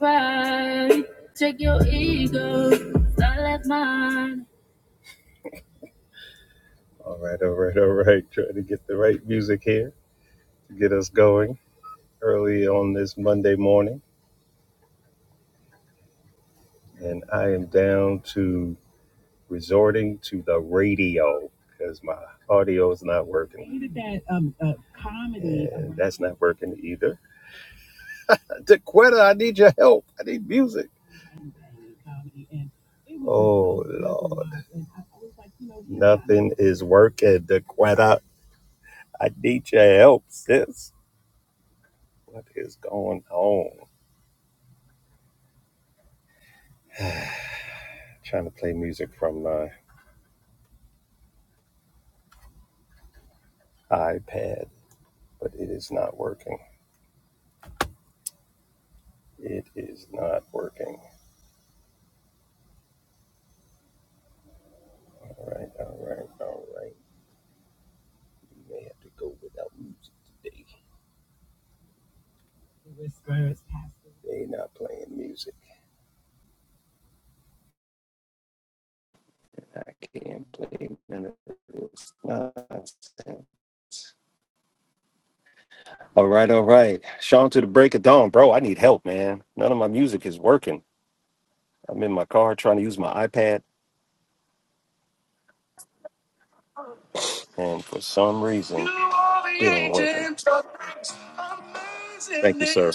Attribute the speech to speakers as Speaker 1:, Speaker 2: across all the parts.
Speaker 1: Right. Check your ego. I left mine. All right, all right, all right. Trying to get the right music here to get us going early on this Monday morning. And I am down to resorting to the radio because my audio is not working. You did that um, uh, comedy. And that's not working either. Dequetta, I need your help. I need music. Comedy Oh, Lord. like, Nothing is working, Dequetta. I need your help, sis. What is going on? I'm trying to play music from my iPad, but it is not working. It is not working. All right, all right, all right. We may have to go without music today. They not playing music. I can't play none of this nonsense. All right, all right. Sean, to the break of dawn, bro. I need help, man. None of my music is working. I'm in my car trying to use my iPad, and for some reason, it ain't working. Thank you, sir.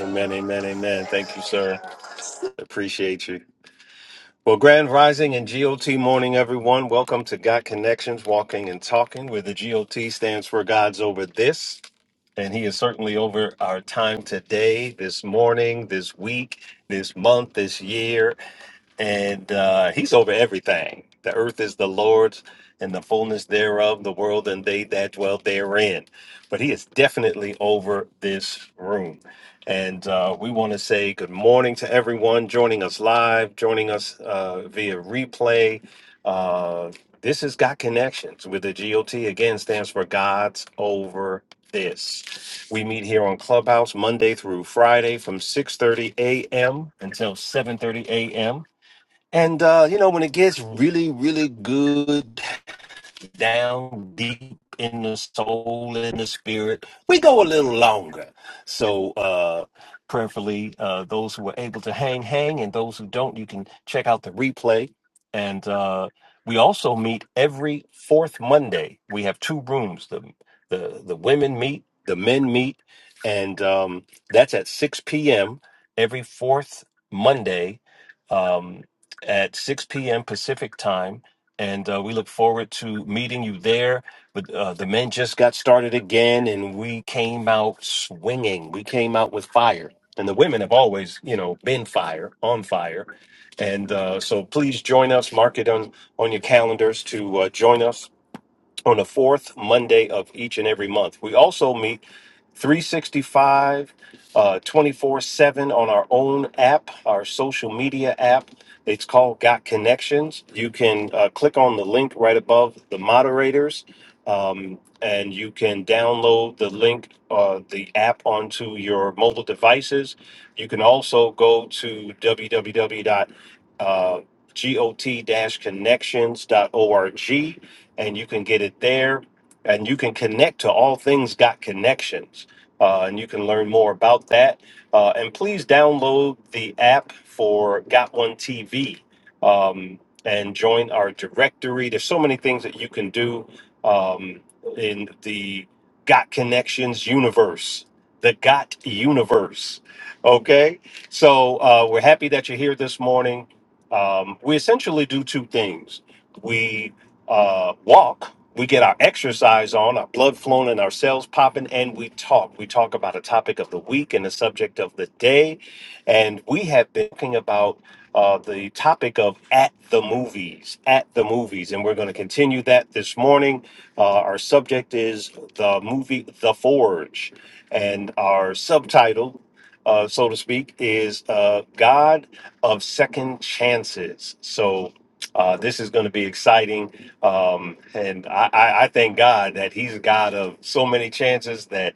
Speaker 1: Amen, amen, amen. Thank you, sir. Appreciate you. Well, Grand Rising and GOT morning, everyone. Welcome to God Connections, Walking and Talking, where the GOT stands for God's over this. And He is certainly over our time today, this morning, this week, this month, this year and uh, he's over everything. The earth is the Lord's and the fullness thereof, the world and they that dwell therein. But he is definitely over this room. And uh, we want to say good morning to everyone joining us live, joining us uh, via replay. Uh, this has got connections with the GOT. Again, stands for God's Over This. We meet here on Clubhouse Monday through Friday from 6:30 a.m. until 7:30 a.m. And uh, you know, when it gets really, really good down deep in the soul and the spirit, we go a little longer. So, uh, prayerfully, uh, those who were able to hang, hang, and those who don't, you can check out the replay. And uh, we also meet every fourth Monday. We have two rooms. The the the women meet, the men meet, and um, that's at six p.m. every fourth Monday um, at six p.m. Pacific time and uh, we look forward to meeting you there. But uh, the men just got started again, and we came out swinging. We came out with fire, and the women have always, you know, been fire on fire. And uh, so, please join us. Mark it on on your calendars to uh, join us on the fourth Monday of each and every month. We also meet 365, 24 7 on our own app, our social media app. It's called Got Connections. You can uh, click on the link right above the moderators. um, and you can download the link, uh, the app onto your mobile devices. You can also go to www dot got connections dot org and you can get it there and you can connect to all things got connections uh, and you can learn more about that uh, and please download the app for got one tv um, and join our directory there's so many things that you can do um, in the got connections universe the got universe okay so uh, we're happy that you're here this morning um, we essentially do two things We uh, walk, we get our exercise on, our blood flowing, and our cells popping, and we talk. We talk about a topic of the week and the subject of the day. And we have been talking about uh, the topic of at the movies, at the movies. And we're going to continue that this morning. Uh, our subject is the movie The Forge, and our subtitle. Uh, so to speak, is uh, God of Second Chances. So uh, this is going to be exciting um, and I, I, I thank God that He's a God of so many chances that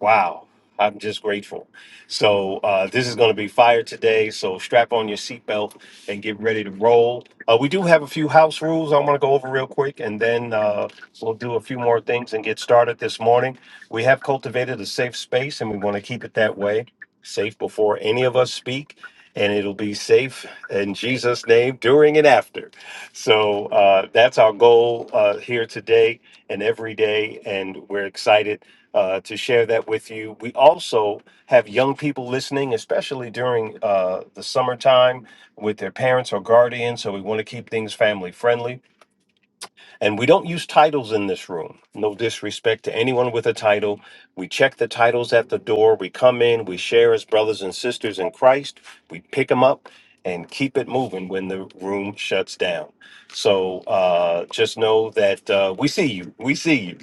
Speaker 1: Wow. I'm just grateful. So, uh, this is going to be fire today. So, strap on your seatbelt and get ready to roll. Uh, we do have a few house rules I want to go over real quick, and then uh, we'll do a few more things and get started this morning. We have cultivated a safe space, and we want to keep it that way safe before any of us speak, and it'll be safe in Jesus' name during and after. So, uh, that's our goal uh, here today and every day, and we're excited uh, to share that with you. We also have young people listening, especially during uh, the summertime with their parents or guardians. So we want to keep things family friendly. And we don't use titles in this room. No disrespect to anyone with a title. We check the titles at the door. We come in, we share as brothers and sisters in Christ. We pick them up and keep it moving when the room shuts down. So uh, just know that uh, we see you. We see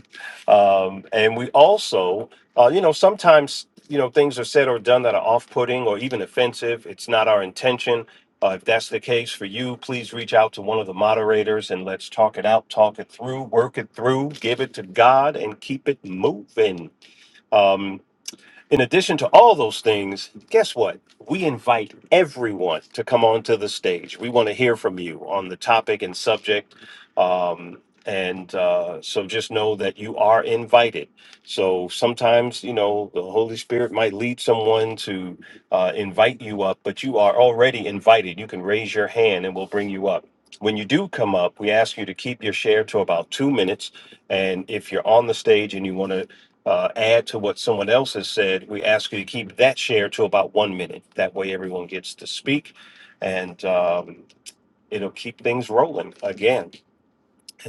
Speaker 1: you. Um, and we also, uh, you know, sometimes, you know, things are said or done that are off putting or even offensive. It's not our intention uh, if that's the case for you, please reach out to one of the moderators and let's talk it out, talk it through, work it through, give it to God, and keep it moving. Um, in addition to all those things, guess what? We invite everyone to come onto the stage. We want to hear from you on the topic and subject. Um, and uh, so just know that you are invited. So sometimes, you know, the Holy Spirit might lead someone to uh, invite you up, but you are already invited. You can raise your hand and we'll bring you up. When you do come up, we ask you to keep your share to about two minutes. And if you're on the stage and you want to uh, add to what someone else has said, we ask you to keep that share to about one minute. That way, everyone gets to speak, and um, it'll keep things rolling. Again,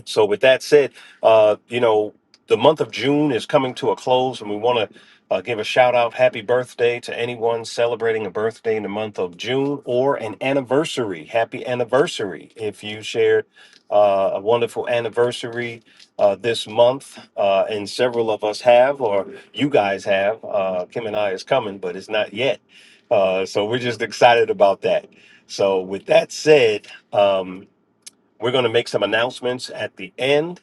Speaker 1: so with that said, uh, you know, the month of June is coming to a close and we want to uh, give a shout out happy birthday to anyone celebrating a birthday in the month of June or an anniversary. Happy anniversary if you shared uh, a wonderful anniversary uh, this month uh, and several of us have or you guys have. Uh, Kim and I is coming, but it's not yet. Uh, so we're just excited about that. So with that said, um, we're going to make some announcements at the end.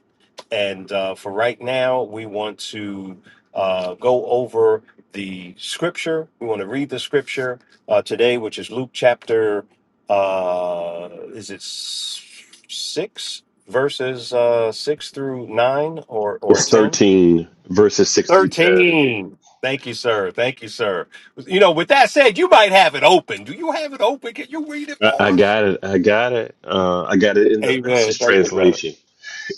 Speaker 1: And uh, for right now, we want to uh, go over the scripture. We want to read the scripture uh, today, which is Luke chapter, uh, is it s- six verses uh, six through nine or, or
Speaker 2: It's
Speaker 1: 10?
Speaker 2: 13 verses 6 through 10.
Speaker 1: 13. Thank you, sir. Thank you, sir. You know, with that said, you might have it open. Do you have it open? Can you read it
Speaker 2: I
Speaker 1: for
Speaker 2: I
Speaker 1: us?
Speaker 2: got it. I got it. Uh, I got it in the
Speaker 1: Amen.
Speaker 2: message
Speaker 1: Thank you, brother.
Speaker 2: translation.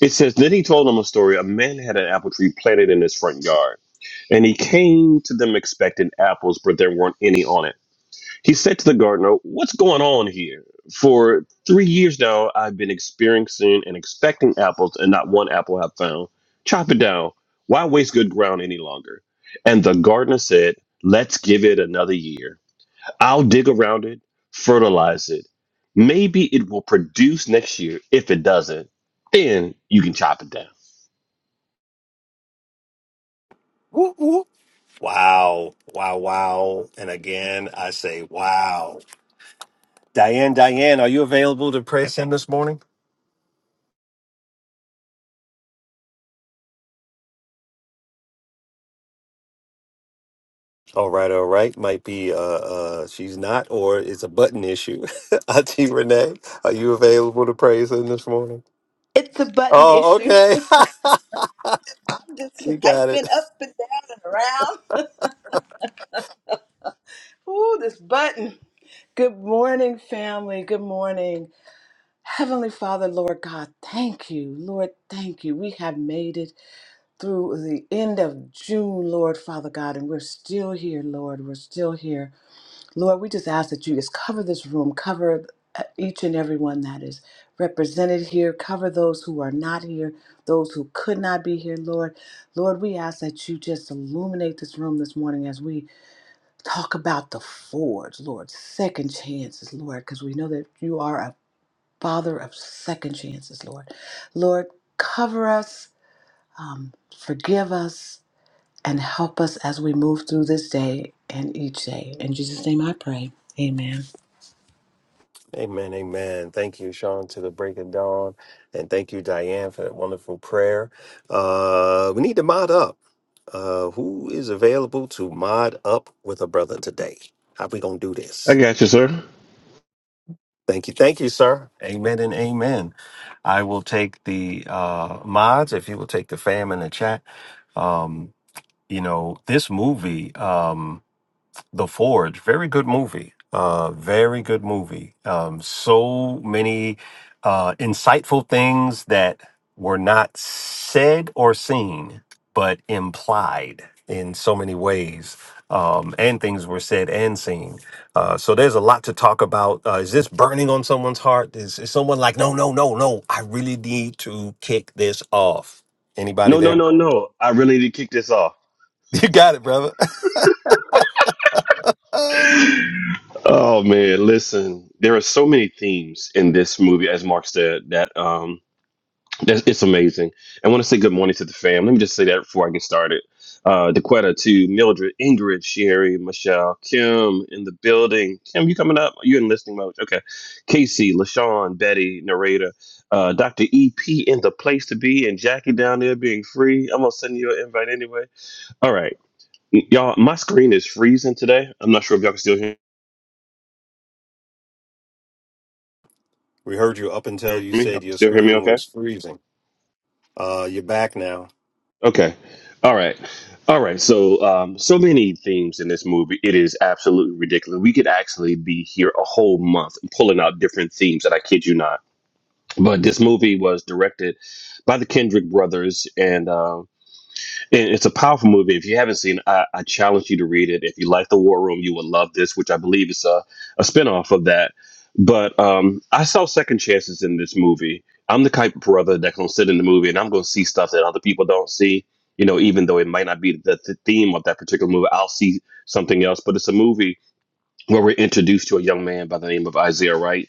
Speaker 2: It says, Then he told them a story. A man had an apple tree planted in his front yard, and he came to them expecting apples, but there weren't any on it. He said to the gardener, 'What's going on here? For three years now, I've been experiencing and expecting apples, and not one apple I've found. Chop it down. Why waste good ground any longer? And the gardener said, us give it another year. I'll dig around it, fertilize it. Maybe it will produce next year. If it doesn't, then you can chop it down.
Speaker 1: Wow, wow, wow. And again, I say, wow. Diane, Diane, are you available to press in this morning? All right, all right. Might be uh, uh, she's not, or it's a button issue. Auntie Renee, are you available to praise in this morning?
Speaker 3: It's a button
Speaker 1: Oh,
Speaker 3: issue.
Speaker 1: okay.
Speaker 3: I'm just
Speaker 1: you got
Speaker 3: swiping
Speaker 1: it.
Speaker 3: up and down and around. Ooh, this button. Good morning, family. Good morning. Heavenly Father, Lord God, thank you. Lord, thank you. We have made it through the end of June, Lord Father God, and we're still here, Lord. We're still here. Lord, we just ask that you just cover this room, cover uh, each and every one that is represented here, cover those who are not here, those who could not be here, Lord. Lord, we ask that you just illuminate this room this morning as we talk about the forge, Lord, second chances, Lord, because we know that you are a father of second chances, Lord. Lord, cover us, um, forgive us, and help us as we move through this day and each day. In Jesus' name I pray. Amen.
Speaker 1: Amen, amen. Thank you, Sean, to the break of dawn. And thank you, Diane, for that wonderful prayer. Uh, we need to mod up. Uh, who is available to mod up with a brother today? How we going to do
Speaker 2: I
Speaker 1: this?
Speaker 2: got you, sir.
Speaker 1: Thank you. Thank you, sir. Amen and amen. I will take the uh, mods, if you will take the fam in the chat. Um, you know, this movie. Um, the Forge, very good movie. Uh, very good movie. Um, so many uh, insightful things that were not said or seen, but implied in so many ways. Um, and things were said and seen. Uh, so there's a lot to talk about. Uh, is this burning on someone's heart? Is, is someone like, no, no, no, no, I really need to kick this off? Anybody
Speaker 2: No, no,
Speaker 1: there?
Speaker 2: no, no. I really need to kick this off.
Speaker 1: You got it, brother.
Speaker 2: Oh man, listen. There are so many themes in this movie, as Mark said, that um That's, it's amazing. I want to say good morning to the fam. Let me just say that before I get started. Uh, Dequetta to Mildred, Ingrid, Sherry, Michelle, Kim in the building. Kim, you coming up? You in listening mode? Okay. Casey, LaShawn, Betty, narrator, uh, Dr. EP in the place to be, and Jackie down there being free. I'm gonna send you an invite anyway. All right, y'all. My screen is freezing today. I'm not sure if y'all can still hear
Speaker 1: We heard you up until you
Speaker 2: me. Y'all
Speaker 1: said
Speaker 2: can
Speaker 1: your
Speaker 2: still hear me?
Speaker 1: screen
Speaker 2: Okay.
Speaker 1: was freezing. Uh, you're back now.
Speaker 2: Okay. All right. All right. So, um, so many themes in this movie. It is absolutely ridiculous. We could actually be here a whole month pulling out different themes that I kid you not. But this movie was directed by the Kendrick brothers. And, um, it- It's a powerful movie. If you haven't seen, it, I, I challenge you to read it. If you like the War Room, you will love this, which I believe is a a spinoff of that. But um, I saw second chances in this movie. I'm the type of brother that can sit in the movie and I'm going to see stuff that other people don't see. You know, even though it might not be the, the theme of that particular movie, I'll see something else. But it's a movie where we're introduced to a young man by the name of Isaiah Wright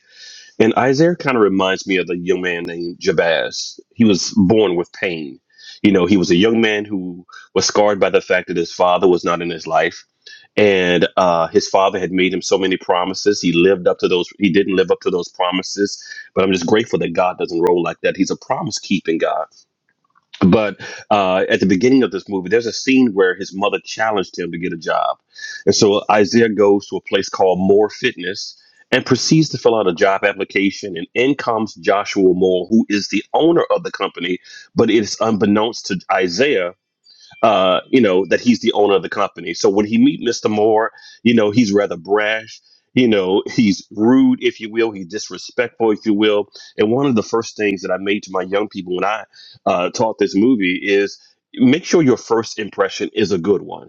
Speaker 2: and Isaiah kind of reminds me of the young man named Jabaz. He was born with pain. You know, he was a young man who was scarred by the fact that his father was not in his life. And uh, his father had made him so many promises. He lived up to those, he didn't live up to those promises. But I'm just grateful that God doesn't roll like that. He's a promise keeping God. But uh, at the beginning of this movie, there's a scene where his mother challenged him to get a job. And so Isaiah goes to a place called More Fitness and proceeds to fill out a job application. And in comes Joshua Moore, who is the owner of the company, but it's unbeknownst to Isaiah uh, you know, that he's the owner of the company. So when he meet Mr. Moore, you know, he's rather brash. You know, he's rude, if you will. He's disrespectful, if you will. And one of the first things that I made to my young people when I uh, taught this movie is make sure your first impression is a good one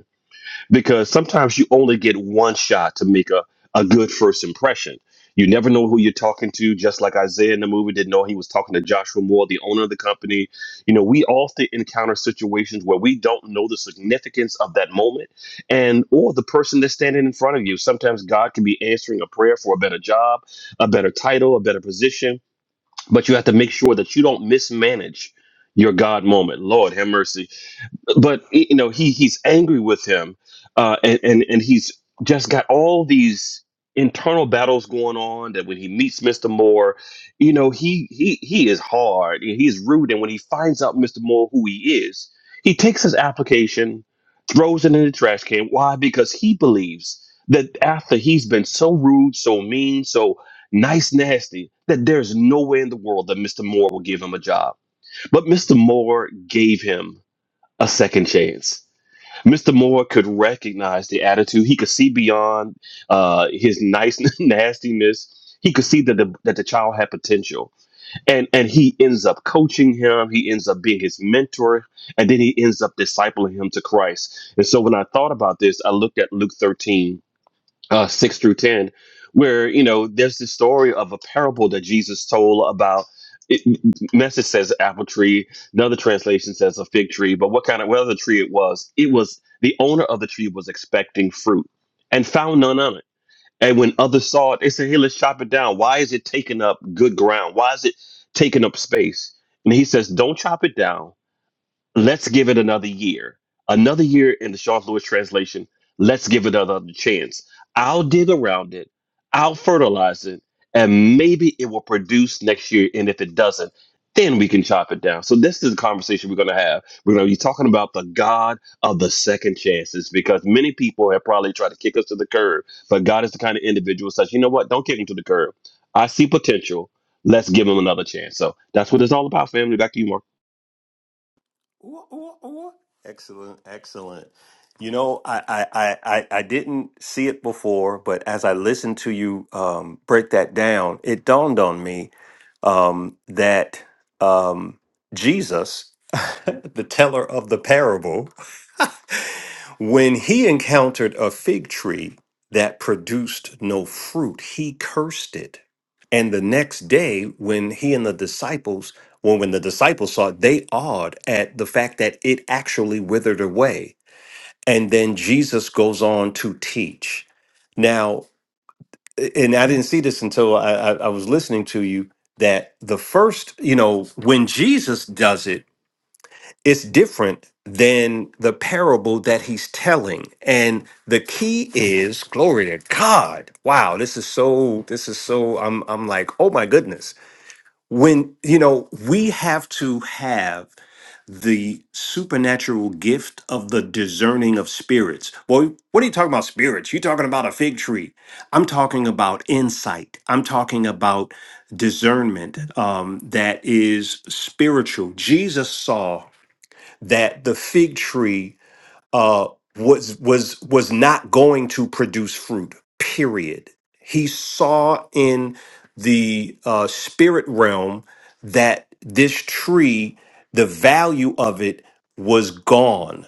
Speaker 2: because sometimes you only get one shot to make a, a good first impression. You never know who you're talking to, just like Isaiah in the movie didn't know he was talking to Joshua Moore, the owner of the company. You know, we often encounter situations where we don't know the significance of that moment and or the person that's standing in front of you. Sometimes God can be answering a prayer for a better job, a better title, a better position, but you have to make sure that you don't mismanage your God moment. Lord, have mercy but you know he he's angry with him uh and and, and he's just got all these internal battles going on that when he meets mr moore you know he he he is hard and he's rude and when he finds out mr moore who he is he takes his application throws it in the trash can why because he believes that after he's been so rude so mean so nice nasty that there's no way in the world that mr moore will give him a job but mr moore gave him a second chance. Mr. Moore could recognize the attitude. He could see beyond uh, his nice nastiness. He could see that the that the child had potential, and and he ends up coaching him. He ends up being his mentor, and then he ends up discipling him to Christ. And so, when I thought about this, I looked at Luke thirteen uh, 6 through 10, where, you know, there's the story of a parable that Jesus told about. It, message says apple tree. Another translation says a fig tree. But what kind of what other tree it was? It was the owner of the tree was expecting fruit and found none on it. And when others saw it, they said, "Hey, let's chop it down. Why is it taking up good ground? Why is it taking up space?" And he says, "Don't chop it down let's give it another year. Another year in the Charles Lewis translation, let's give it another chance. I'll dig around it, I'll fertilize it, and maybe it will produce next year. And if it doesn't, then we can chop it down. So this is the conversation we're going to have. We're going to be talking about the God of the second chances because many people have probably tried to kick us to the curb, but God is the kind of individual such, you know what? Don't kick him to the curb. I see potential. Let's give him another chance. So that's what it's all about, family. Back to you, Mark.
Speaker 1: Ooh, ooh, ooh. Excellent, excellent. You know, I, I, I, I I didn't see it before, but as I listened to you um, break that down, it dawned on me um, that um, Jesus, the teller of the parable, when he encountered a fig tree that produced no fruit, he he cursed it, and and the the next day, when he and the disciples when, when the disciples saw it, they awed at the fact that it actually withered away. And then Jesus goes on to teach. Now, and I didn't see this until I, I, I was listening to you that the first, you know, when Jesus does it, it's different than the parable that he's telling. And the key is glory to God. Wow, this is so this is so I'm I'm like, "Oh my goodness." When, you know, we have to have the supernatural gift of the discerning of spirits. Boy, what are you talking about spirits? You're talking about a fig tree. I'm talking about insight. I'm talking about discernment um, that is spiritual. Jesus saw that the fig tree uh, was was was not going to produce fruit. Period. He saw in the uh, spirit realm that this tree, the value of it was gone.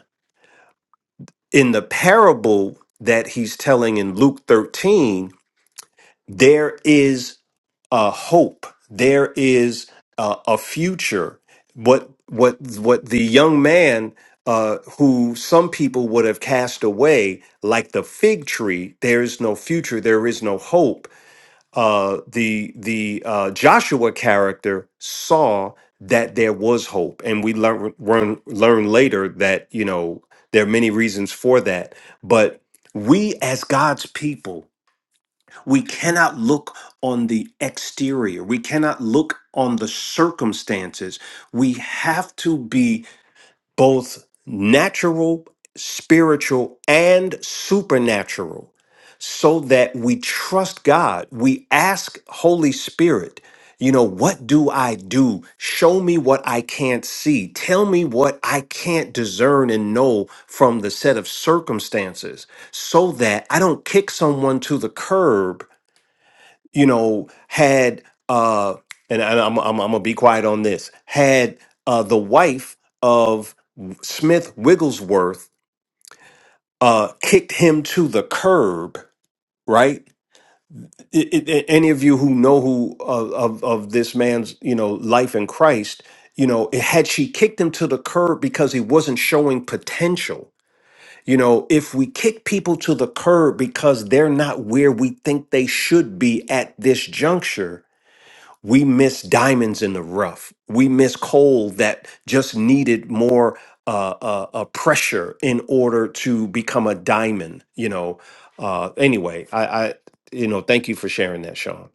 Speaker 1: In the parable that he's telling in Luke thirteen, there is a hope. There is uh, a future. What what what the young man uh, who some people would have cast away, like the fig tree, there is no future. There is no hope. Uh, the the uh, Joshua character saw that there was hope, and we learn learn learn later that you know there are many reasons for that, but. We as God's people we cannot look on the exterior. We cannot look on the circumstances. We have to be both natural, spiritual, and supernatural so that we trust God. We ask Holy Spirit, you know, what do I do? Show me what I can't see. Tell me what I can't discern and know from the set of circumstances so that I don't kick someone to the curb you know, had uh, and, and I'm, I'm I'm gonna be quiet on this. Had uh, the wife of Smith Wigglesworth uh, kicked him to the curb, right? I- I- I- any of you who know who of, of of this man's you know life in Christ, you know, it, had she kicked him to the curb because he wasn't showing potential. You know, if we kick people to the curb because they're not where we think they should be at this juncture, we miss diamonds in the rough. We miss coal that just needed more uh, uh, uh, pressure in order to become a diamond. You know. Uh, anyway, I, I, you know, thank you for sharing that, Sean.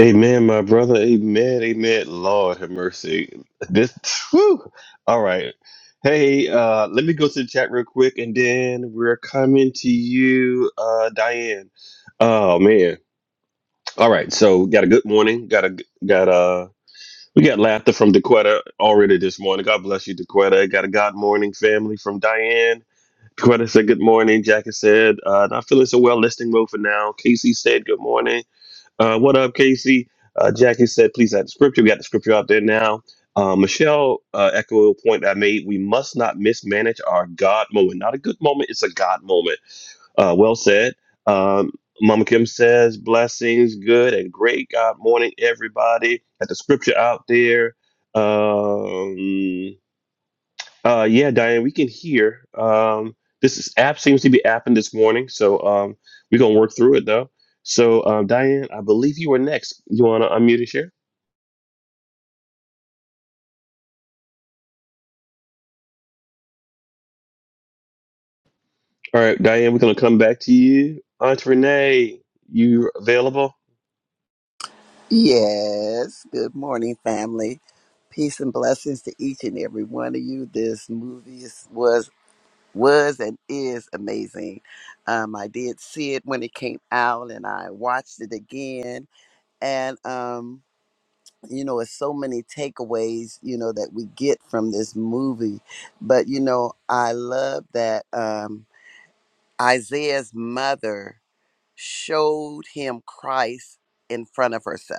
Speaker 2: Amen, my brother. Amen. Amen. Lord have mercy. This whew. all right. Hey, uh, let me go to the chat real quick and then we're coming to you, uh, Diane. Oh man. All right, so got a good morning. Got a got a we got laughter from Dequetta already this morning. God bless you, Dequetta. Got a God morning family from Diane. Dequetta said good morning. Jackie said, uh, not feeling so well, listening mode for now. Casey said good morning. Uh, what up, Casey? Uh, Jackie said, please add the scripture. We got the scripture out there now. Uh, Michelle uh, echoed a point I made. We must not mismanage our God moment. Not a good moment, it's a God moment. Uh, well said. Um, Mama Kim says, blessings, good and great God morning, everybody. Got the scripture out there. Um, uh, yeah, Diane, we can hear. Um, this is, app seems to be apping this morning, so um, we're gonna work through it though. So, um, Diane, I believe you were next. You wanna unmute and share? All right, Diane, we're gonna come back to you. Aunt Renee, you available?
Speaker 4: Yes, good morning, family. Peace and blessings to each and every one of you. This movie is, was was and is amazing. Um, I did see it when it came out, and I watched it again. And um, you know, it's so many takeaways you know that we get from this movie. But you know, I love that um, Isaiah's mother showed him Christ in front of herself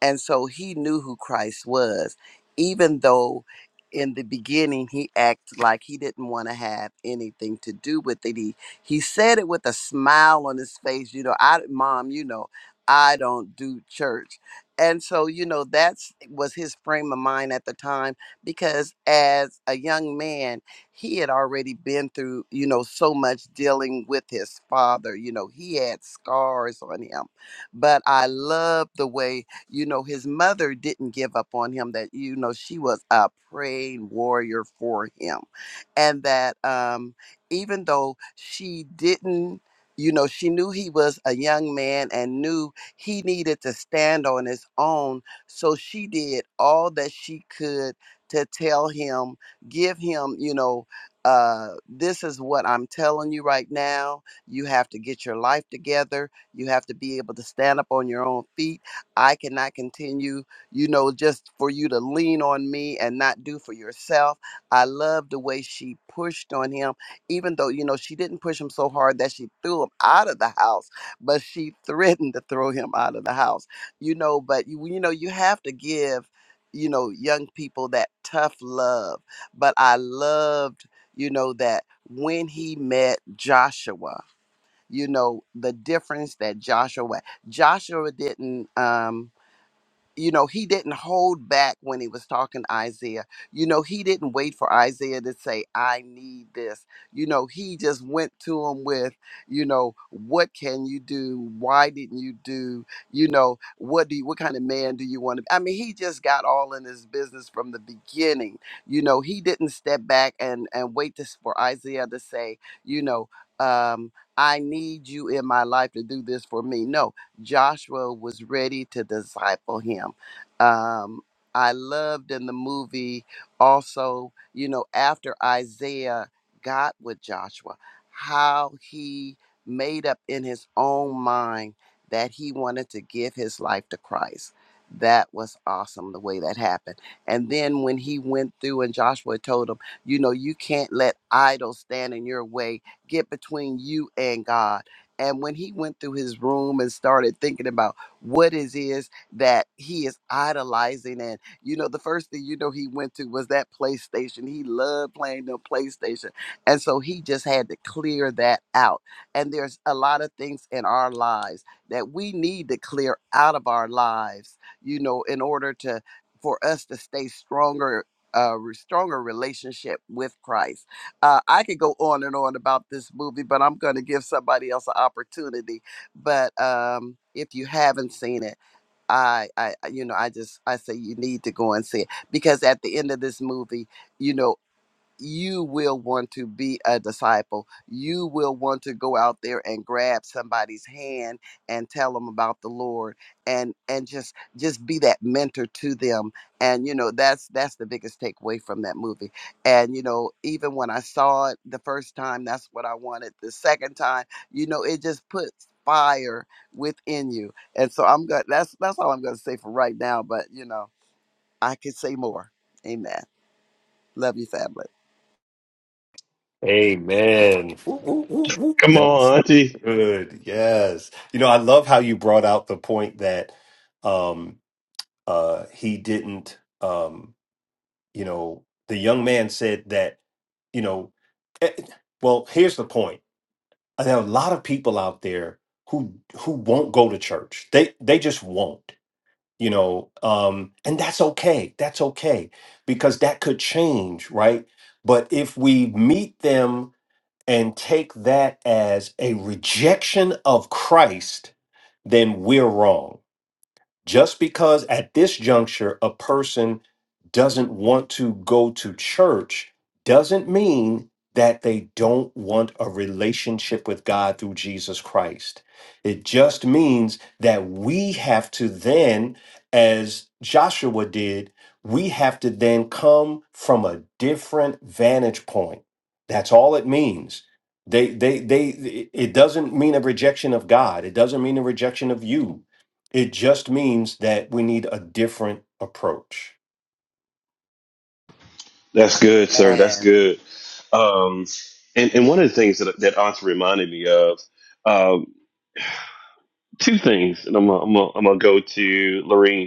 Speaker 4: and so he knew who Christ was, even though in the beginning he acted like he didn't want to have anything to do with it. He he said it with a smile on his face, you know, I mom, you know, I don't do church. And so, you know, that's was his frame of mind at the time because as a young man, he had already been through, you know, so much dealing with his father. You know, he had scars on him. But I love the way you know, his mother didn't give up on him, that, you know, she was a praying warrior for him. And that um, even though she didn't, you know, she knew he was a young man and knew he needed to stand on his own. So she did all that she could to tell him, give him, you know, uh, this is what I'm telling you right now. You have to get your life together. You have to be able to stand up on your own feet I cannot continue, you know, just for you to lean on me and not do for yourself. I love the way she pushed on him, even though, you know, she didn't push him so hard that she threw him out of the house, but she threatened to throw him out of the house, you know. But, you, you know, you have to give, you know, young people that tough love. But I loved, you know, that when he met Joshua, you know, the difference that Joshua, Joshua didn't, um, you know, he didn't hold back when he was talking to Isaiah. You know, he didn't wait for Isaiah to say, I need this. You know, he just went to him with, you know, what can you do? Why didn't you do? You know, what do you, what kind of man do you want to be? I mean, he just got all in his business from the beginning. You know, he didn't step back and, and wait to, for Isaiah to say, you know, um, I need you in my life to do this for me. No, Joshua was ready to disciple him. Um, I loved in the movie also, you know, after Isaiah got with Joshua, how he made up in his own mind that he wanted to give his life to Christ. That was awesome the way that happened. And then when he went through and Joshua told him, you know, you can't let idols stand in your way, get between you and God and when he went through his room and started thinking about what it is that he is idolizing, and you know, the first thing you know he went to was that PlayStation. He loved playing the PlayStation. And so he just had to clear that out. And there's a lot of things in our lives that we need to clear out of our lives, you know, in order to for us to stay stronger, uh, re- stronger relationship with Christ. Uh, I could go on and on about this movie, but I'm going to give somebody else an opportunity. But um, if you haven't seen it, I, I, I- you know, I just I say you need to go and see it because at the end of this movie, you know you will want to be a disciple. You will want to go out there and grab somebody's hand and tell them about the Lord and and just just be that mentor to them. And you know, that's that's the biggest takeaway from that movie. And you know, even when I saw it the first time, that's what I wanted. The second time, you know, it just puts fire within you. And so I'm going that's that's all I'm going to say for right now, but you know, I could say more. Amen. Love you family.
Speaker 1: Amen. Woo, woo, woo, woo.
Speaker 2: Come
Speaker 1: That's
Speaker 2: on, Auntie.
Speaker 1: good. Yes. You know, I love how you brought out the point that um uh he didn't um you know, the young man said that, you know, eh, well, here's the point. Uh, there are a lot of people out there who who won't go to church. They they just won't, you know. Um, and that's okay. That's okay because that could change, right? But if we meet them and take that as a rejection of Christ, then we're wrong just because at this juncture a person doesn't want to go to church doesn't mean that they don't want a relationship with God through Jesus Christ. It just means that we have to then, as Joshua did, we have to then come from a different vantage point. That's all it means. They, they, they, it doesn't mean a rejection of God. It doesn't mean a rejection of you it just means that we need a different approach.
Speaker 2: That's good, sir. That's
Speaker 4: And
Speaker 2: good. Um, and and one of the things that that Auntie reminded me of, um, two things, and I'm gonna, I'm gonna, I'm gonna go to Lorene.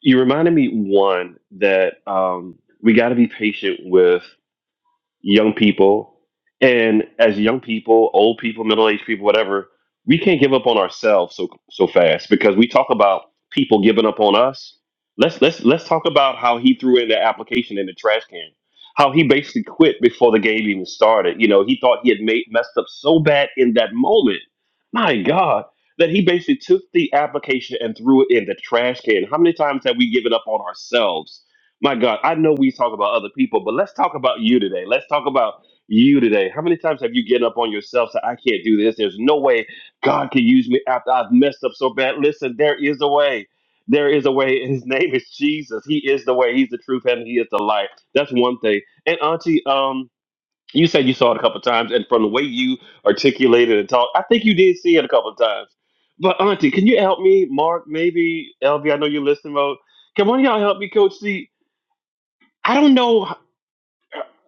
Speaker 2: You reminded me one that um, we got to be patient with young people. And as young people, old people, middle aged people, whatever, we can't give up on ourselves so so fast because we talk about people giving up on us. Let's let's let's talk about how he threw in the application in the trash can. How he basically quit before the game even started. You know, he thought he had made messed up so bad in that moment. My God. That he basically took the application and threw it in the trash can. How many times have we given up on ourselves my God, I know we talk about other people, but let's talk about you today. Let's talk about you today. How many times have you given up on yourself? Said, I can't do this. There's no way God can use me after I've messed up so bad. Listen, there is a way. There is a way. and His name is Jesus. He is the way. He's the truth, and He is the life. That's one thing. And Auntie, um, you said you saw it a couple times, and from the way you articulated and talked, I think you did see it a couple times. But Auntie, can you help me, Mark? Maybe Elvie? I know you're listening. Mode. Come on, y'all help me, Coach C I don't know h-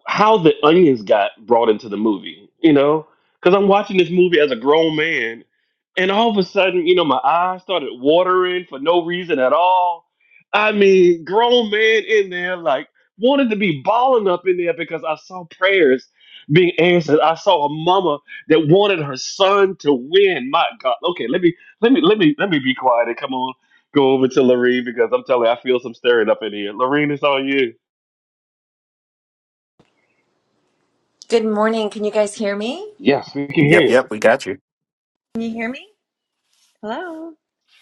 Speaker 2: how the onions got brought into the movie, you know, because I'm watching this movie as a grown man, and all of a sudden, you know, my eyes started watering for no reason at all. I mean, grown man in there, like, wanted to be balling up in there because I saw prayers being answered. I saw a mama that wanted her son to win. My God. Okay, let me let me let me let me be quiet and come on. Go over to Lorene because I'm telling you, I feel some stirring up in here. Lorene, it's on you.
Speaker 5: Good morning. Can you guys hear me?
Speaker 2: Yes, we can hear
Speaker 1: Yep,
Speaker 2: you.
Speaker 1: yep, we got you.
Speaker 5: Can you hear me? Hello?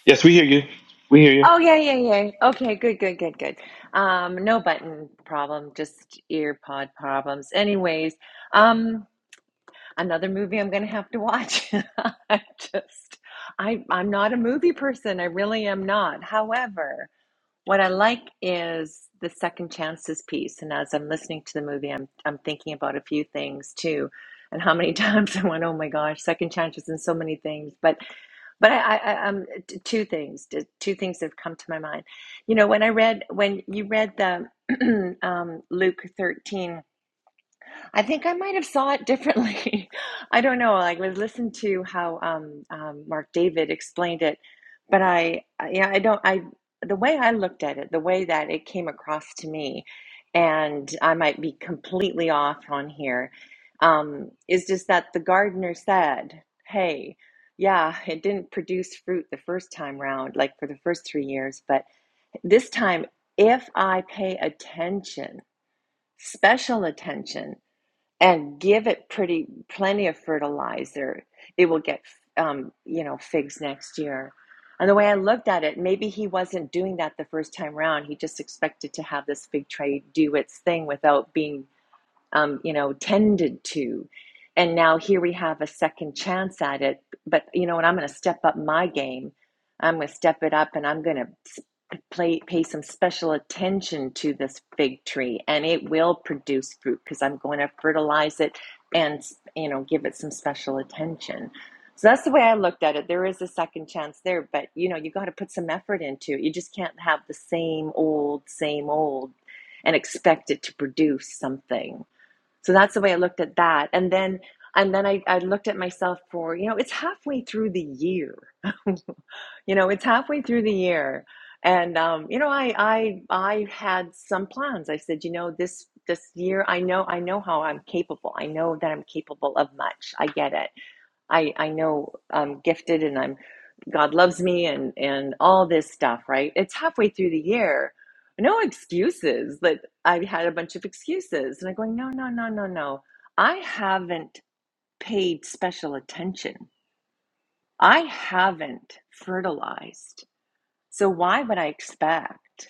Speaker 2: Yes, we hear you. We hear you.
Speaker 5: Oh, yeah, yeah, yeah. Okay, good, good, good, good. Um, no button problem, just ear pod problems. Anyways, um, another movie I'm gonna have to watch. I just, I, I'm not a movie person. I really am not. However, What I like is the second chances piece. And as I'm listening to the movie, I'm I'm thinking about a few things too, and how many times I went, "Oh my gosh, second chances and so many things." But but I, I, I um t- two things t- two things have come to my mind. You know, when I read when you read the um, Luke 13 I think I might have saw it differently. I don't know. Like, I listened to how um, um, Mark David explained it, but I, I- yeah, I don't. I the way I looked at it, the way that it came across to me, and I might be completely off on here, um, is just that the gardener said, "Hey, yeah, it didn't produce fruit the first time round, like for the first three years, but this time, if I pay attention, special attention." and give it pretty plenty of fertilizer. It will get um, you know figs next year. And the way I looked at it, maybe he wasn't doing that the first time round. He just expected to have this fig tree do its thing without being um, you know, tended to. And now here we have a second chance at it. But you know and I'm going to step up my game. I'm going to step it up, and I'm going to play pay some special attention to this fig tree, and it will produce fruit because I'm going to fertilize it and you know give it some special attention. So that's the way I looked at it. There is a second chance there, but you know you got to put some effort into it. You just can't have the same old, same old, and expect it to produce something so that's the way I looked at that. And then and then I, I looked at myself for, you know, it's halfway through the year. You know, it's halfway through the year. And um, you know, I I I had some plans. I said, you know, this this year I know I know how I'm capable. I know that I'm capable of much. I get it. I I know I'm gifted and I'm God loves me and and all this stuff, right? It's halfway through the year. No excuses that I have had a bunch of excuses and I'm going, no, no, no, no, no. I haven't paid special attention. I haven't fertilized. So why would I expect?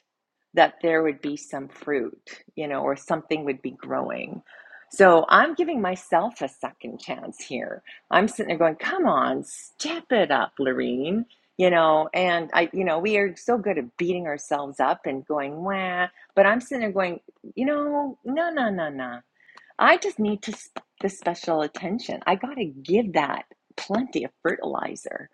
Speaker 5: that there would be some fruit, you know, or something would be growing. So I'm giving myself a second chance here. I'm sitting there going, come on, step it up, Lorene. You know, and I, you know, we are so good at beating ourselves up and going, wah. But I'm sitting there going, you know, no, no, no, no. I just need to sp- the special attention. I got to give that plenty of fertilizer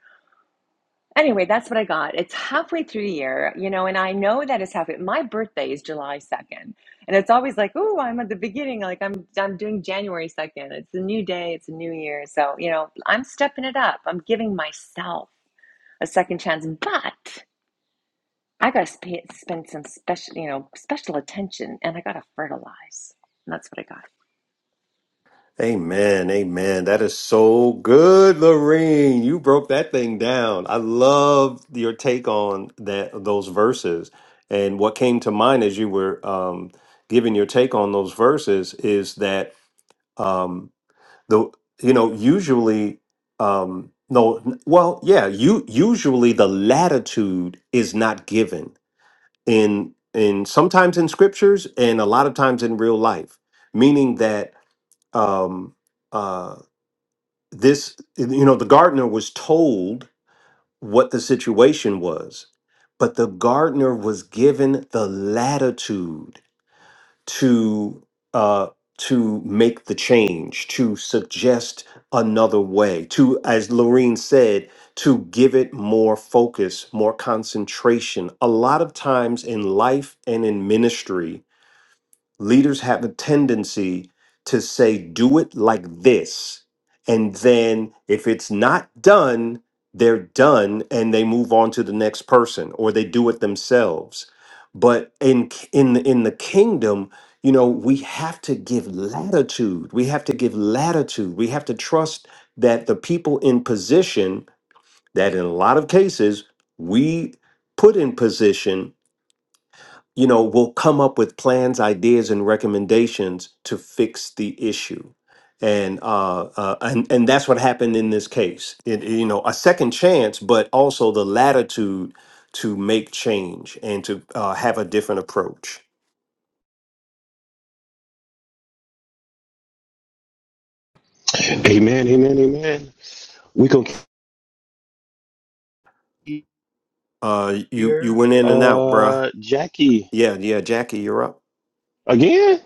Speaker 5: Anyway, that's what I got. It's halfway through the year, you know, and I know that it's halfway. My birthday is July 2nd. And it's always like, oh, I'm at the beginning. Like I'm I'm doing January 2nd. It's a new day, it's a new year. So, you know, I'm stepping it up. I'm giving myself a second chance, but I got to sp- spend some special, you know, special attention and I got to fertilize. And that's what I got.
Speaker 1: Amen. Amen. That is so good, Lorene. You broke that thing down. I love your take on that those verses. And what came to mind as you were um, giving your take on those verses is that um, the you know usually um, no well yeah you usually the latitude is not given in in sometimes in scriptures and a lot of times in real life meaning that um uh this you know the gardener was told what the situation was but the gardener was given the latitude to uh, to make the change, to suggest another way, to, as Lorene said, to give it more focus, more concentration. A lot of times in life and in ministry, Leaders have a tendency to say, do it like this. And then if it's not done, they're done and they move on to the next person or they do it themselves. But in k- in the- in the kingdom, you know, we have to give latitude. We have to give latitude. We have to trust that the people in position that in a lot of cases we put in position you know, will come up with plans, ideas, and recommendations to fix the issue. And uh, uh, and and that's what happened in this case. It, you know, a second chance, but also the latitude to make change and to uh, have a different approach.
Speaker 2: Amen, amen, amen. We go,
Speaker 1: Uh, you you went in and out, bruh.
Speaker 2: uh, Jackie
Speaker 1: Yeah, yeah, Jackie, you're up.
Speaker 2: again.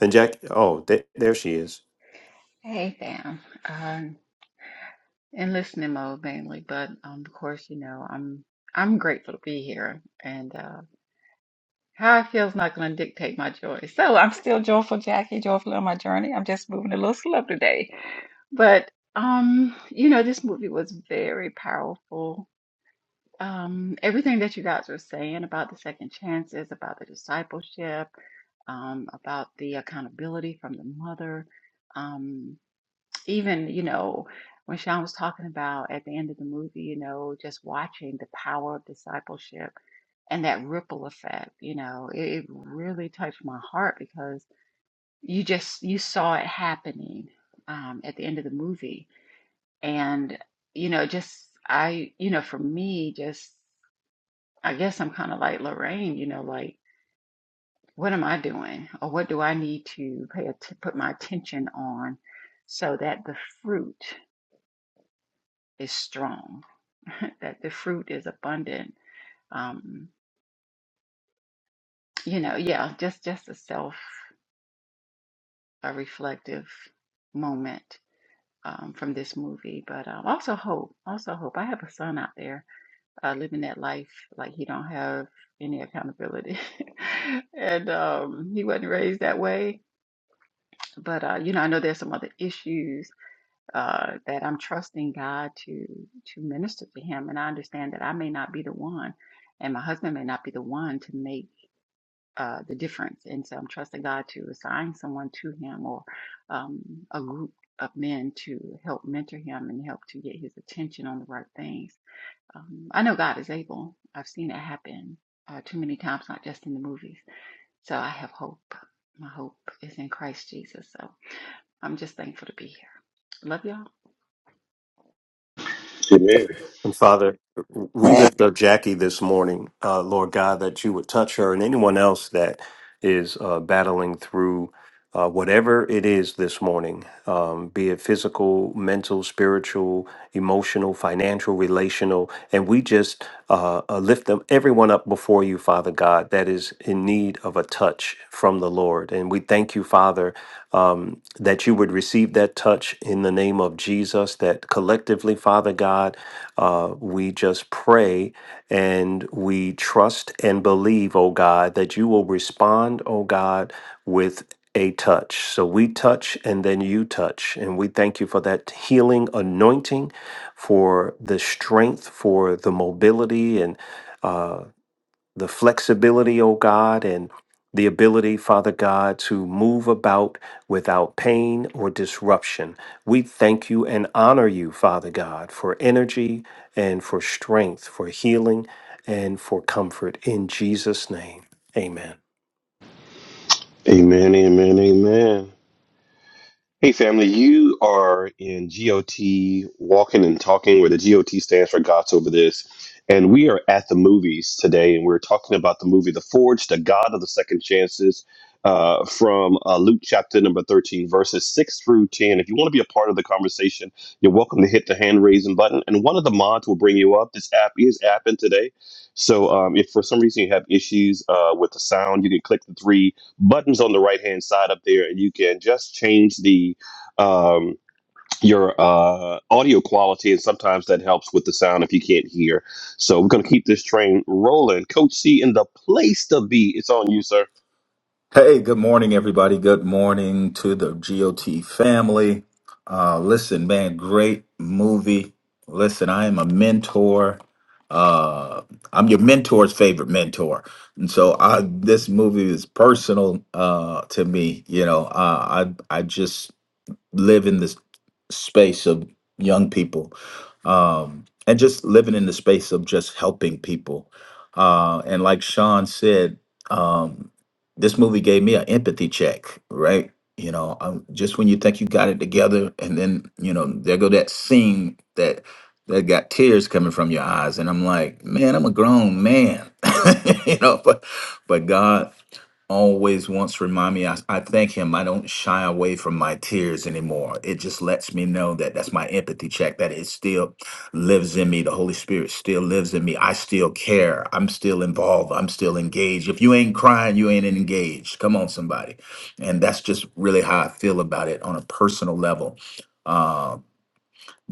Speaker 1: And Jack, oh, th- there she is.
Speaker 2: Amen.
Speaker 1: And Father, we lift up Jackie this morning, uh, Lord God, that you would touch her and anyone else that is uh, battling through uh, whatever it is this morning, um, be it physical, mental, spiritual, emotional, financial, relational. And we just uh, uh, lift them, everyone up before you, Father God, that is in need of a touch from the Lord. And we thank you, Father, um, that you would receive that touch in the name of Jesus, that collectively, Father God, uh, we just pray and we trust and believe, oh God, that you will respond, oh God, with a touch. So we touch and then you touch. And we thank you for that healing anointing, for the strength, for the mobility and uh, the flexibility, O God, and the ability, Father God, to move about without pain or disruption. We thank you and honor you, Father God, for energy and for strength, for healing and for comfort. In Jesus' name, amen.
Speaker 2: Amen, amen, amen. Hey, family, you are in GOT Walking and Talking, where the GOT stands for God's Over This. And we are at the movies today, and we're talking about the movie The Forge, the God of the Second Chances, uh, from uh, Luke chapter number 13, verses 6 through 10. If you want to be a part of the conversation, you're welcome to hit the hand raising button, and one of the mods will bring you up. This app is apping today. So um, if for some reason you have issues uh, with the sound, you can click the three buttons on the right hand side up there, and you can just change the um, your uh, audio quality, and sometimes that helps with the sound if you can't hear. So we're gonna keep this train rolling. Coach C in the place to be. It's on you, sir.
Speaker 6: Hey, good morning, everybody. Good morning to the GOT family. Uh, listen, man, great movie. Listen, I am a mentor. Uh, I'm your mentor's favorite mentor, and so I, this movie is personal uh, to me. You know, uh, I I just live in this space of young people um, and just living in the space of just helping people. Uh, and like Sean said, um, this movie gave me an empathy check, right? You know, um just when you think you got it together, and then you know there go that scene that that got tears coming from your eyes, and I'm like, man, I'm a grown man, you know, but but God always wants to remind me I, I thank him i don't shy away from my tears anymore it just lets me know that that's my empathy check that it still lives in me the holy spirit still lives in me i still care i'm still involved i'm still engaged if you ain't crying you ain't engaged come on somebody and that's just really how i feel about it on a personal level Um,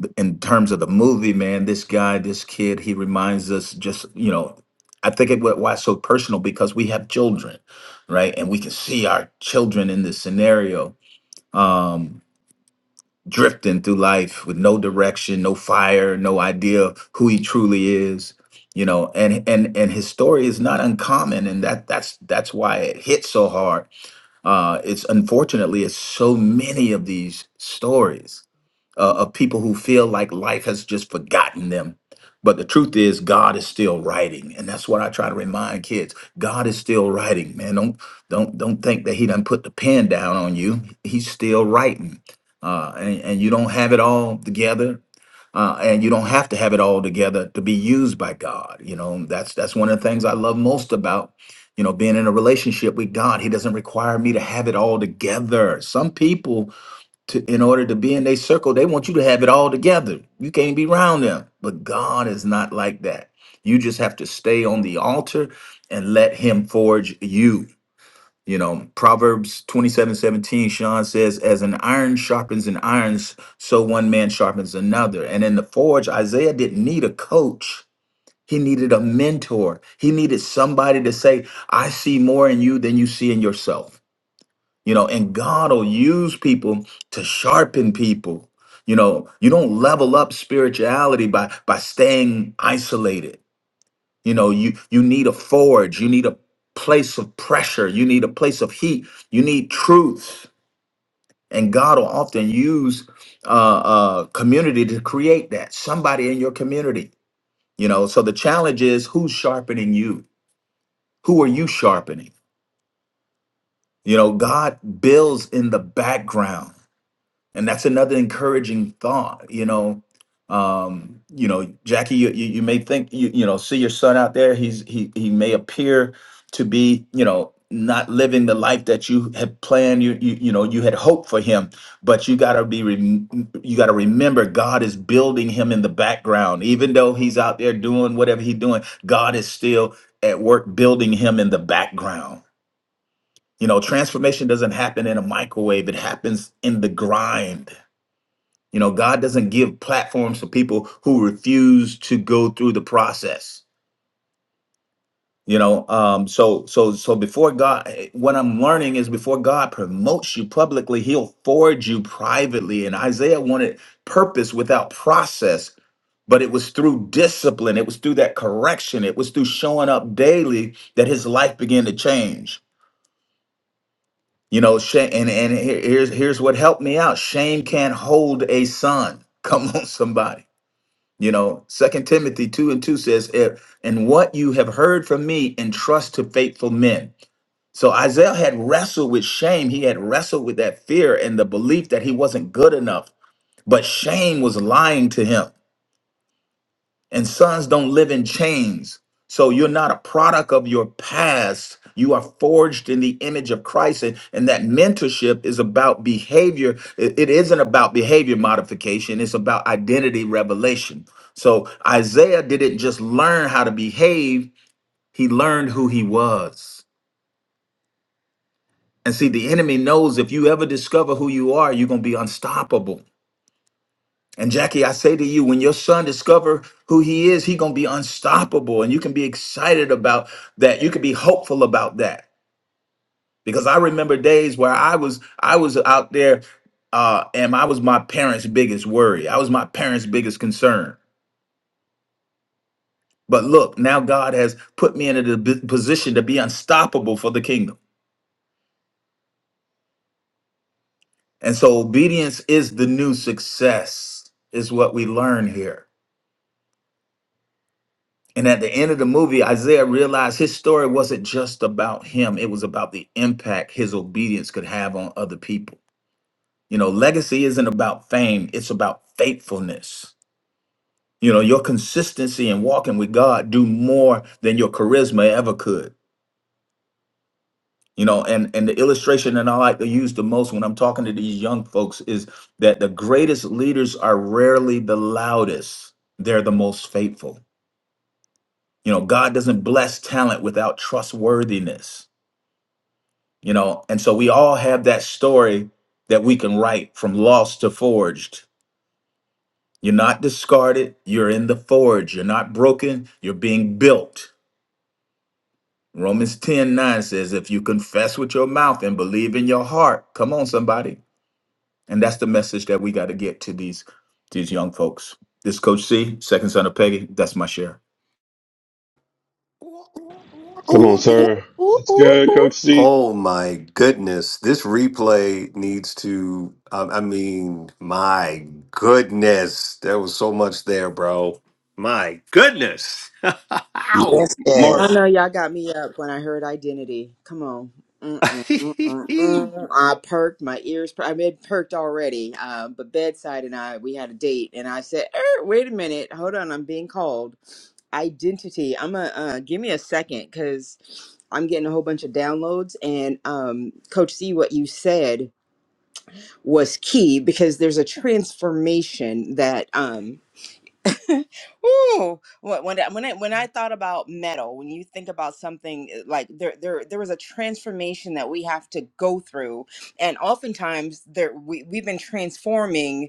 Speaker 6: th- in terms of the movie, man, this guy, this kid, he reminds us just, you know, I think it wh- why it's so personal because we have children, right? And we can see our children in this scenario um drifting through life with no direction, no fire, no idea of who he truly is, you know, and and and his story is not uncommon and that that's that's why it hits so hard. Uh it's unfortunately it's so many of these stories uh, of people who feel like life has just forgotten them. But the truth is, God is still writing, and that's what I try to remind kids. God is still writing, man. Don't don't don't think that He done put the pen down on you. He's still writing, uh, and and you don't have it all together, uh, and you don't have to have it all together to be used by God. You know, that's that's one of the things I love most about you know being in a relationship with God. He doesn't require me to have it all together. Some people to in order to be in their circle, they want you to have it all together. You can't be around them. But God is not like that. You just have to stay on the altar and let him forge you. You know, Proverbs 27, 17. Sean says, as an iron sharpens an iron, s- so one man sharpens another. And in the forge, Isaiah didn't need a coach. He needed a mentor. He needed somebody to say, I see more in you than you see in yourself you know and god will use people to sharpen people you know you don't level up spirituality by by staying isolated you know you you need a forge you need a place of pressure you need a place of heat you need truth and god will often use uh uh community to create that somebody in your community you know so the challenge is who's sharpening you who are you sharpening you know god builds in the background and that's another encouraging thought you know um you know jackie you you, you may think you you know see your son out there he's he he may appear to be you know not living the life that you had planned you you, you know you had hoped for him but you got to be rem- you got to remember god is building him in the background even though he's out there doing whatever he's doing god is still at work building him in the background you know transformation doesn't happen in a microwave it happens in the grind you know, God doesn't give platforms for people who refuse to go through the process. You know, um, so so so before God, eh, what I'm learning is before God promotes you publicly, He'll forge you privately. And Isaiah wanted purpose without process, but it was through discipline, it was through that correction, it was through showing up daily that his life began to change. You know, shame, and and here- here's here's what helped me out: shame can't hold a son. Come on, somebody You know, Second Timothy two and two says, "If and what you have heard from me, entrust to faithful men." So Isaiah had wrestled with shame. He had wrestled with that fear and the belief that he wasn't good enough. But shame was lying to him. And sons don't live in chains. So you're not a product of your past. You are forged in the image of Christ. And, and that mentorship is about behavior. It it isn't about behavior modification, it's about identity revelation. So Isaiah didn't just learn how to behave, he learned who he was. And see, the enemy knows if you ever discover who you are, you're going to be unstoppable. And Jackie, I say to you, when your son discover who he is, he gonna be unstoppable, and you can be excited about that. You can be hopeful about that because I remember days where I was I was out there, uh, and I was my parents' biggest worry. I was my parents' biggest concern. But look, now God has put me in a b- position to be unstoppable for the kingdom, and so obedience is the new success. Is what we learn here. And at the end of the movie, Isaiah realized his story wasn't just about him, it was about the impact his obedience could have on other people. You know, legacy isn't about fame, it's about faithfulness. You know, your consistency in walking with God do more than your charisma ever could. You know, and and the illustration that I like to use the most when I'm talking to these young folks is that the greatest leaders are rarely the loudest. They're the most faithful. You know, God doesn't bless talent without trustworthiness you know and so we all have that story that we can write from lost to forged you're not discarded you're in the forge you're not broken you're being built romans 10 9 says if you confess with your mouth and believe in your heart come on somebody and that's the message that we got to get to these these young folks this is coach c second son of peggy that's my share
Speaker 2: Come on, sir.
Speaker 7: Ooh,
Speaker 2: That's
Speaker 7: ooh,
Speaker 2: good, Coach
Speaker 7: ooh.
Speaker 2: C.
Speaker 1: Oh my goodness. This replay needs to, I, I mean, my goodness. There was so much there, bro. My goodness. Ow.
Speaker 4: Yes,
Speaker 2: Mark.
Speaker 8: No,
Speaker 4: yes.
Speaker 8: no, y'all got me up when I heard identity. Come on. Mm-mm, mm-mm,
Speaker 1: hey,
Speaker 8: mm. I perked my ears. Per- I mean, perked already. Uh, but bedside and I, we had a date, and I said, er, "Wait a minute, hold on, I'm being called." Identity. I'm a uh, give me a second because I'm getting a whole bunch of downloads. And um, Coach C, what you said was key because there's a transformation that um, Ooh, when when I, when I when I thought about metal, when you think about something uh, like there there there was a transformation that we have to go through, and oftentimes there we we've been transforming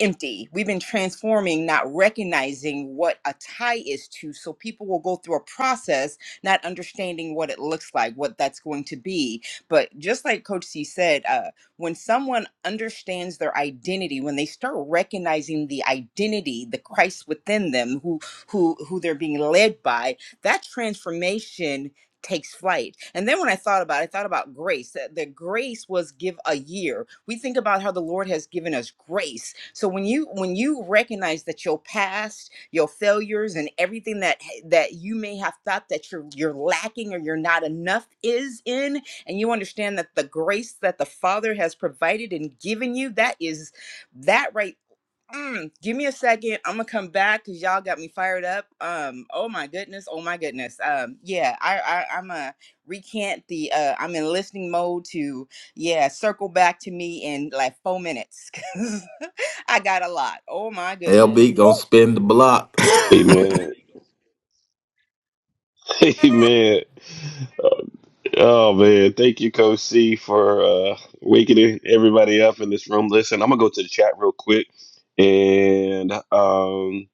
Speaker 8: empty. We've been transforming, not recognizing what a tie is to. So people will go through a process, not understanding what it looks like, what that's going to be. But just like Coach C said, uh, when someone understands their identity, when they start recognizing the identity, the Christ within them, who who who they're being led by, that transformation takes flight. And then when I thought about it, I thought about grace. That the grace was give a year. We think about how the Lord has given us grace. So when you when you recognize that your past, your failures and everything that that you may have thought that you're you're lacking or you're not enough is in and you understand that the grace that the Father has provided and given you, that is that right Mm, give me a second. I'm gonna come back because y'all got me fired up. Um, oh my goodness, oh my goodness. Um, yeah, I, I I'm a recant the uh I'm in listening mode to yeah, circle back to me in like four minutes 'cause I got a lot. Oh my goodness.
Speaker 6: lb gonna spin the block
Speaker 2: Amen. Amen. Oh man, thank you, Coach C, for uh, waking everybody up in this room. Listen, I'm gonna go to the chat real quick, and um,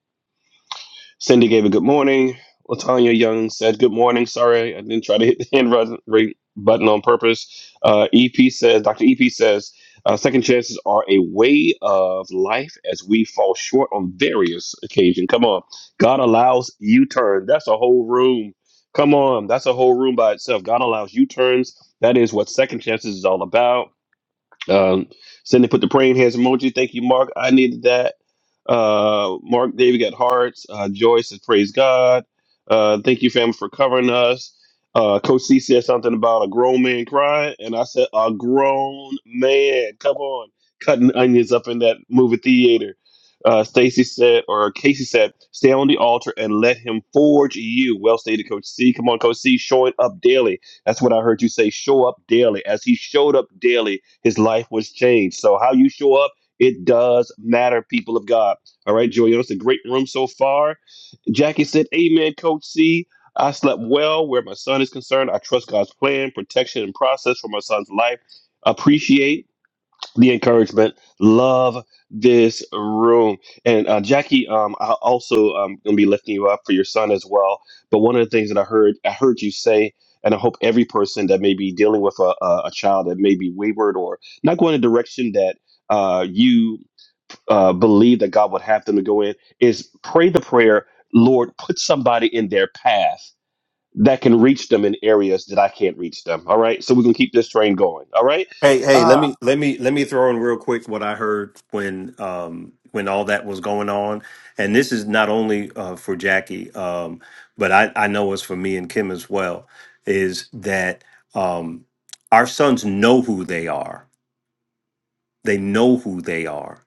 Speaker 2: Cindy gave a good morning. Latanya Young said good morning. Sorry, I didn't try to hit the hand rise- rate button on purpose. Uh, EP says, Dr. EP says, uh, second chances are a way of life as we fall short on various occasions. Come on. God allows U turn. That's a whole room. Come on. That's a whole room by itself. God allows U turns. That is what second chances is all about um, Cindy put the praying hands emoji. Thank you, Mark. I needed that. Uh, Mark, David got hearts. Uh, Joyce says, praise God. Uh, thank you, family, for covering us. Uh, Coach C said something about a grown man crying, and I said, a grown man. Come on, cutting onions up in that movie theater. Uh, Stacy said, or Casey said, stay on the altar and let him forge you. Well stated, Coach C. Come on, Coach C, showing up daily. That's what I heard you say. Show up daily. As he showed up daily, his life was changed. So how you show up, it does matter, people of God. All right, Joy, it's a great room so far. Jackie said, Amen, Coach C. I slept well where my son is concerned. I trust God's plan, protection, and process for my son's life. Appreciate the encouragement. Love this room. And uh, Jackie, um, I also um, gonna be lifting you up for your son as well. But one of the things that I heard, I heard you say, and I hope every person that may be dealing with a, a, a child that may be wayward or not going in the direction that uh, you uh, believe that God would have them to go in, is pray the prayer, Lord, put somebody in their path that can reach them in areas that I can't reach them. All right. So we're gonna keep this train going. All right.
Speaker 1: hey, let
Speaker 2: Uh,
Speaker 1: me let me let me throw in real quick what I heard when um when all that was going on. And this is not only uh for Jackie, um, but I, I know it's for me and Kim as well, is that um our sons know who they are They know who they are.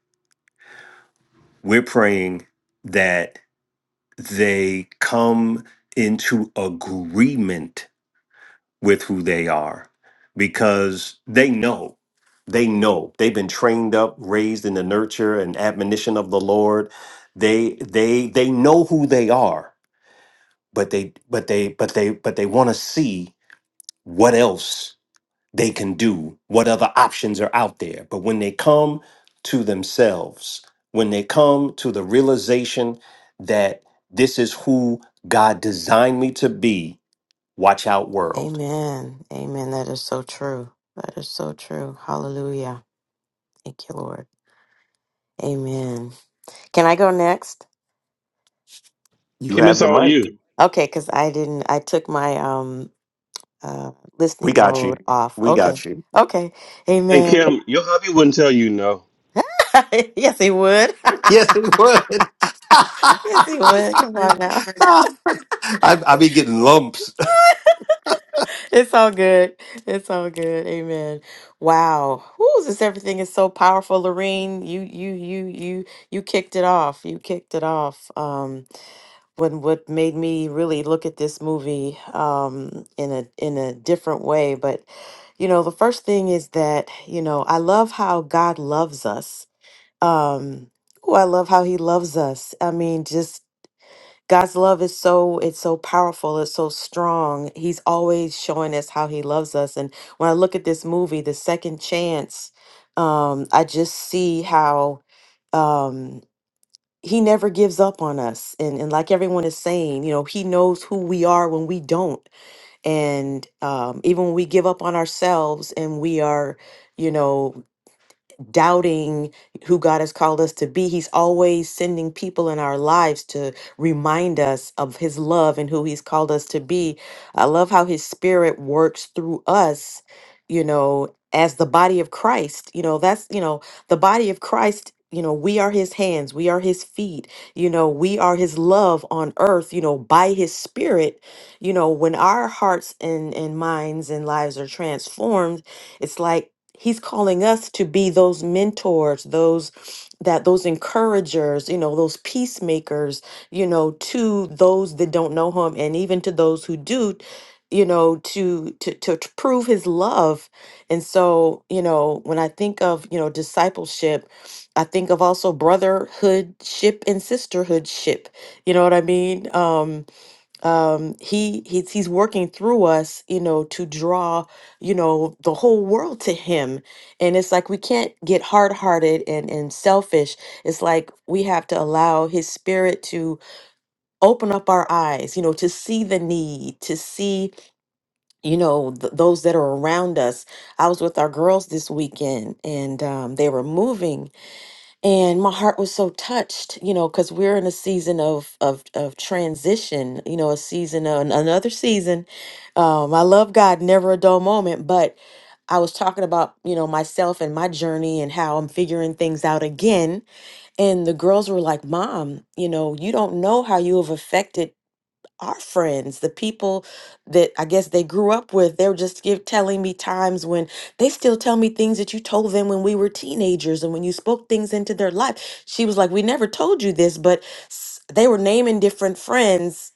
Speaker 1: We're praying that they come into agreement with who they are because they know. They know. They've been trained up, raised in the nurture and admonition of the Lord. They they they know who they are, but they but they but they but they want to see what else they can do, what other options are out there. But when they come to themselves, when they come to the realization that this is who God designed me to be, watch out, world.
Speaker 7: Amen. Amen. That is so true. That is so true. Hallelujah. Thank you, Lord. Amen. Can I go next?
Speaker 1: You
Speaker 2: Kim,
Speaker 1: have
Speaker 2: it's
Speaker 1: the
Speaker 2: on you.
Speaker 1: mic.
Speaker 7: Okay, because I didn't, I took my um uh
Speaker 1: We
Speaker 7: listening
Speaker 1: got you.
Speaker 7: mode off.
Speaker 1: We
Speaker 7: Okay.
Speaker 1: got you.
Speaker 7: Okay.
Speaker 2: And
Speaker 7: Amen.
Speaker 2: Kim, your hubby wouldn't tell you no.
Speaker 7: yes, he would.
Speaker 1: Yes, he would.
Speaker 7: yes, he would.
Speaker 1: I,
Speaker 7: Come on now.
Speaker 1: I be getting lumps.
Speaker 7: It's all good. It's all good. Amen. Wow. Whoo, this everything is so powerful, Lorene. You you you you you kicked it off. You kicked it off. Um when what made me really look at this movie um, in a in a different way. But you know, the first thing is that you know I love how God loves us. Um, ooh, I love how He loves us. I mean, just God's love is so it's so powerful. It's so strong. He's always showing us how He loves us. And when I look at this movie, the second chance, um, I just see how. um he never gives up on us and and like everyone is saying you know he knows who we are when we don't and um even when we give up on ourselves and we are you know doubting who God has called us to be. He's always sending people in our lives to remind us of His love and who He's called us to be. I love how His Spirit works through us, you know, as the body of Christ. You know, that's, you know, the body of Christ. You know, we are his hands, we are his feet, you know, we are his love on earth, you know, by his spirit. You know, when our hearts and, and minds and lives are transformed, it's like he's calling us to be those mentors those that those encouragers you know those peacemakers you know to those that don't know him and even to those who do you know to to to t- prove his love and so you know when i think of you know discipleship i think of also brotherhood ship and sisterhood ship you know what i mean Um, um he he's he's working through us you know to draw you know the whole world to him and it's like we can't get hard-hearted and and selfish it's like we have to allow his spirit to open up our eyes you know to see the need to see you know th- those that are around us i was with our girls this weekend and um, they were moving and my heart was so touched you know because we're in a season of of of transition you know a season uh, an- another season um i love god never a dull moment but i was talking about you know myself and my journey and how i'm figuring things out again and the girls were like mom you know you don't know how you have affected our friends, the people that I guess they grew up with, they were just give, telling me times when they still tell me things that you told them when we were teenagers and when you spoke things into their life. She was like, "We never told you this," but s- they were naming different friends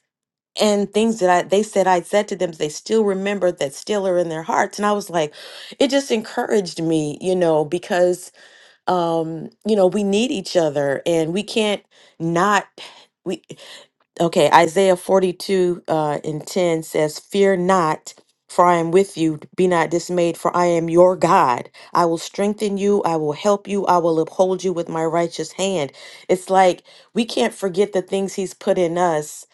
Speaker 7: and things that I they said I said to them they still remember that still are in their hearts. And I was like, it just encouraged me, you know, because um, you know, we need each other and we can't not. We, Okay, Isaiah 42 uh, and 10 says, Fear not, for I am with you. Be not dismayed, for I am your God. I will strengthen you. I will help you. I will uphold you with my righteous hand. It's like we can't forget the things He's put in us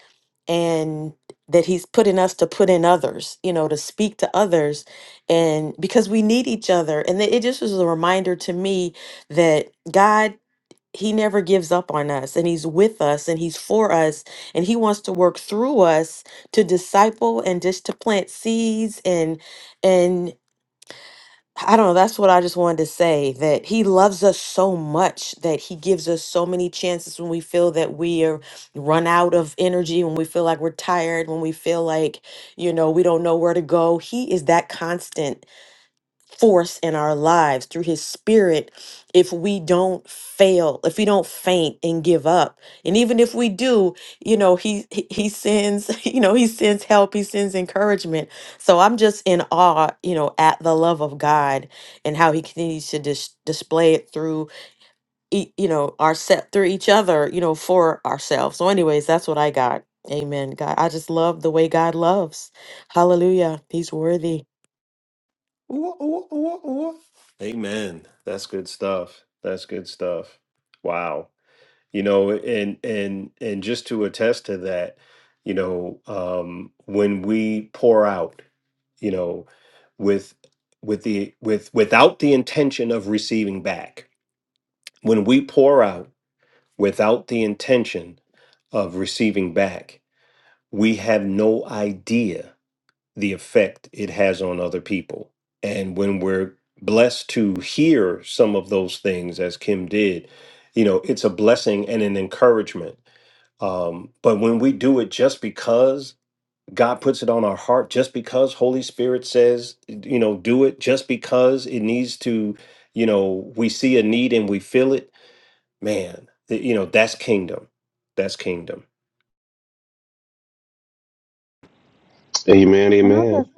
Speaker 7: and that He's put in us to put in others, you know, to speak to others. And because we need each other. And it it just was a reminder to me that God he never gives up on us and he's with us and he's for us and he wants to work through us to disciple and just to plant seeds and and I don't know that's what I just wanted to say that he loves us so much that he gives us so many chances when we feel that we are run out of energy when we feel like we're tired when we feel like you know we don't know where to go he is that constant force in our lives through his spirit if we don't fail if we don't faint and give up and even if we do you know he he he sends you know he sends help he sends encouragement so i'm just in awe you know at the love of god and how he continues to dis- display it through ea- you know our set through each other you know for ourselves so anyways that's what i got amen god i just love the way god loves hallelujah he's worthy
Speaker 1: Ooh, ooh, ooh, ooh. Amen. That's good stuff. That's good stuff. Wow. you know and and and just to attest to that you know um when we pour out you know with with the with without the intention of receiving back when we pour out without the intention of receiving back we have no idea the effect it has on other people and when we're blessed to hear some of those things as kim did you know it's a blessing and an encouragement um, but when we do it just because God puts it on our heart, just because Holy Spirit says, you know, do it, just because it needs to, you know, we see a need and we feel it, man, th- you know, that's kingdom. That's kingdom.
Speaker 2: Amen, amen.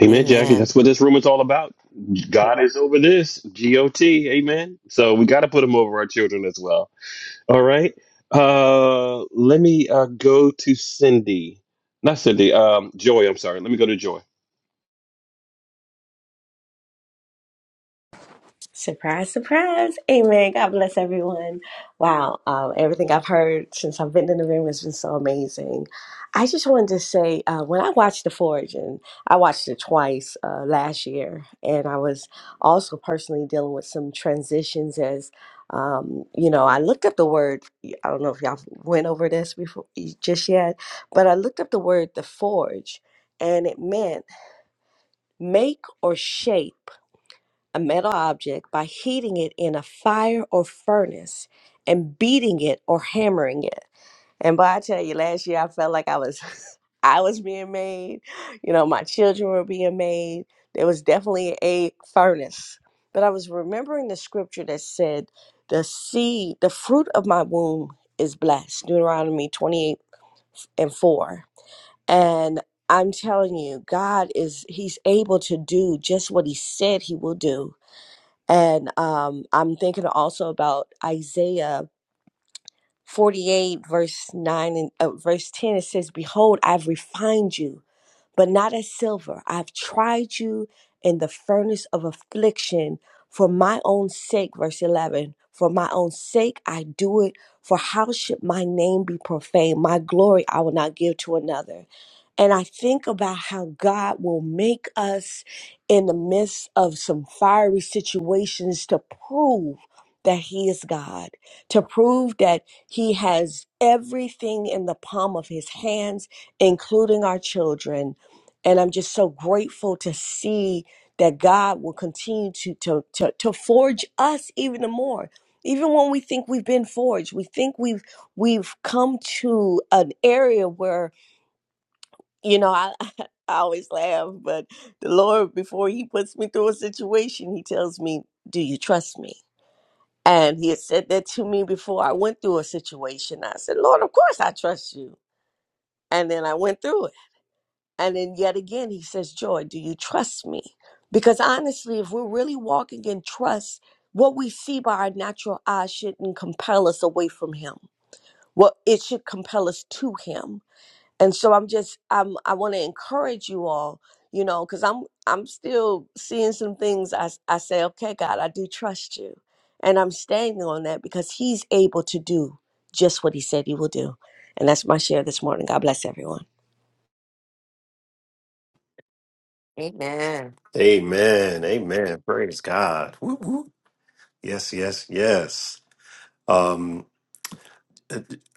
Speaker 2: Amen, Jackie.
Speaker 7: amen
Speaker 2: That's what this room is all about. God is over this. G O T. Amen. So we gotta put him over our children as well. All right. Uh let me uh go to Cindy. Not Cindy, um Joy, I'm sorry. Let me go to Joy.
Speaker 9: Surprise, surprise. Amen. God bless everyone. Wow. Um, everything I've heard since I've been in the room has been so amazing. I just wanted to say, uh, when I watched The Forge, and I watched it twice uh, last year, and I was also personally dealing with some transitions as, um, you know, I looked up the word, I don't know if y'all went over this before just yet, but I looked up the word The Forge, and it meant make or shape a metal object by heating it in a fire or furnace and beating it or hammering it. And boy, I tell you, last year I felt like I was I was being made. You know, my children were being made. There was definitely a furnace. But I was remembering the scripture that said, the seed, the fruit of my womb is blessed. Deuteronomy 28 and 4. And I'm telling you, God is He's able to do just what He said He will do and um, I'm thinking also about Isaiah 48, verse 9 and uh, verse 10. It says, Behold, I've refined you but not as silver. I've tried you in the furnace of affliction for my own sake. Verse 11 For my own sake I do it, for how should my name be profaned? My glory I will not give to another. And I think about how God will make us in the midst of some fiery situations to prove that He is God, to prove that He has everything in the palm of His hands, including our children and I'm just so grateful to see that God will continue to to to, to forge us even the more. Even when we think we've been forged, we think we've we've come to an area where you know I, I always laugh, but the Lord before He puts me through a situation, He tells me, "Do you trust me?" And He had said that to me before I went through a situation. I said, "Lord, of course I trust you." And then I went through it And then yet again, he says, Joy, do you trust me? Because honestly, if we're really walking in trust, what we see by our natural eyes shouldn't compel us away from him. Well, it should compel us to him. And so I'm just I'm I want to encourage you all, you know, because I'm I'm still seeing some things I I say, okay, God, I do trust you. And I'm standing on that because he's able to do just what he said he will do. And that's my share this morning. God bless everyone.
Speaker 7: Amen.
Speaker 1: Amen. Amen. Praise God. Woo, woo. Yes, yes, yes. Um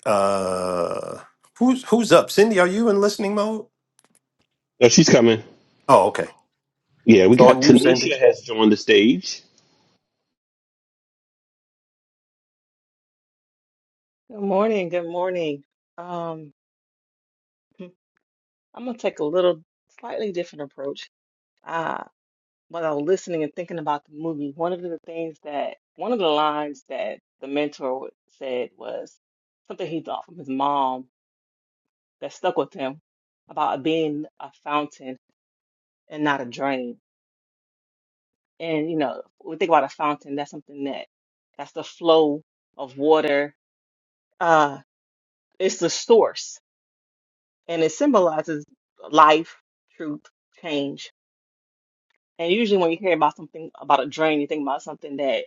Speaker 1: uh who's who's up? Cindy, are you in listening mode?
Speaker 2: No, she's coming.
Speaker 1: Oh, okay.
Speaker 2: Yeah, we
Speaker 1: It's on
Speaker 2: got
Speaker 1: you, Cindy.
Speaker 2: Tanisha has joined the stage.
Speaker 10: Good morning. Good morning. Um, hmm, I'm gonna take a little slightly different approach. Uh, while I was listening and thinking about the movie, one of the things that one of the lines that the mentor said was something he thought from his mom that stuck with him about being a fountain and not a drain. And you know, when we think about a fountain, that's something that that's the flow of water. Uh, it's the source and it symbolizes life, truth, change. And usually, when you hear about something about a drain, you think about something that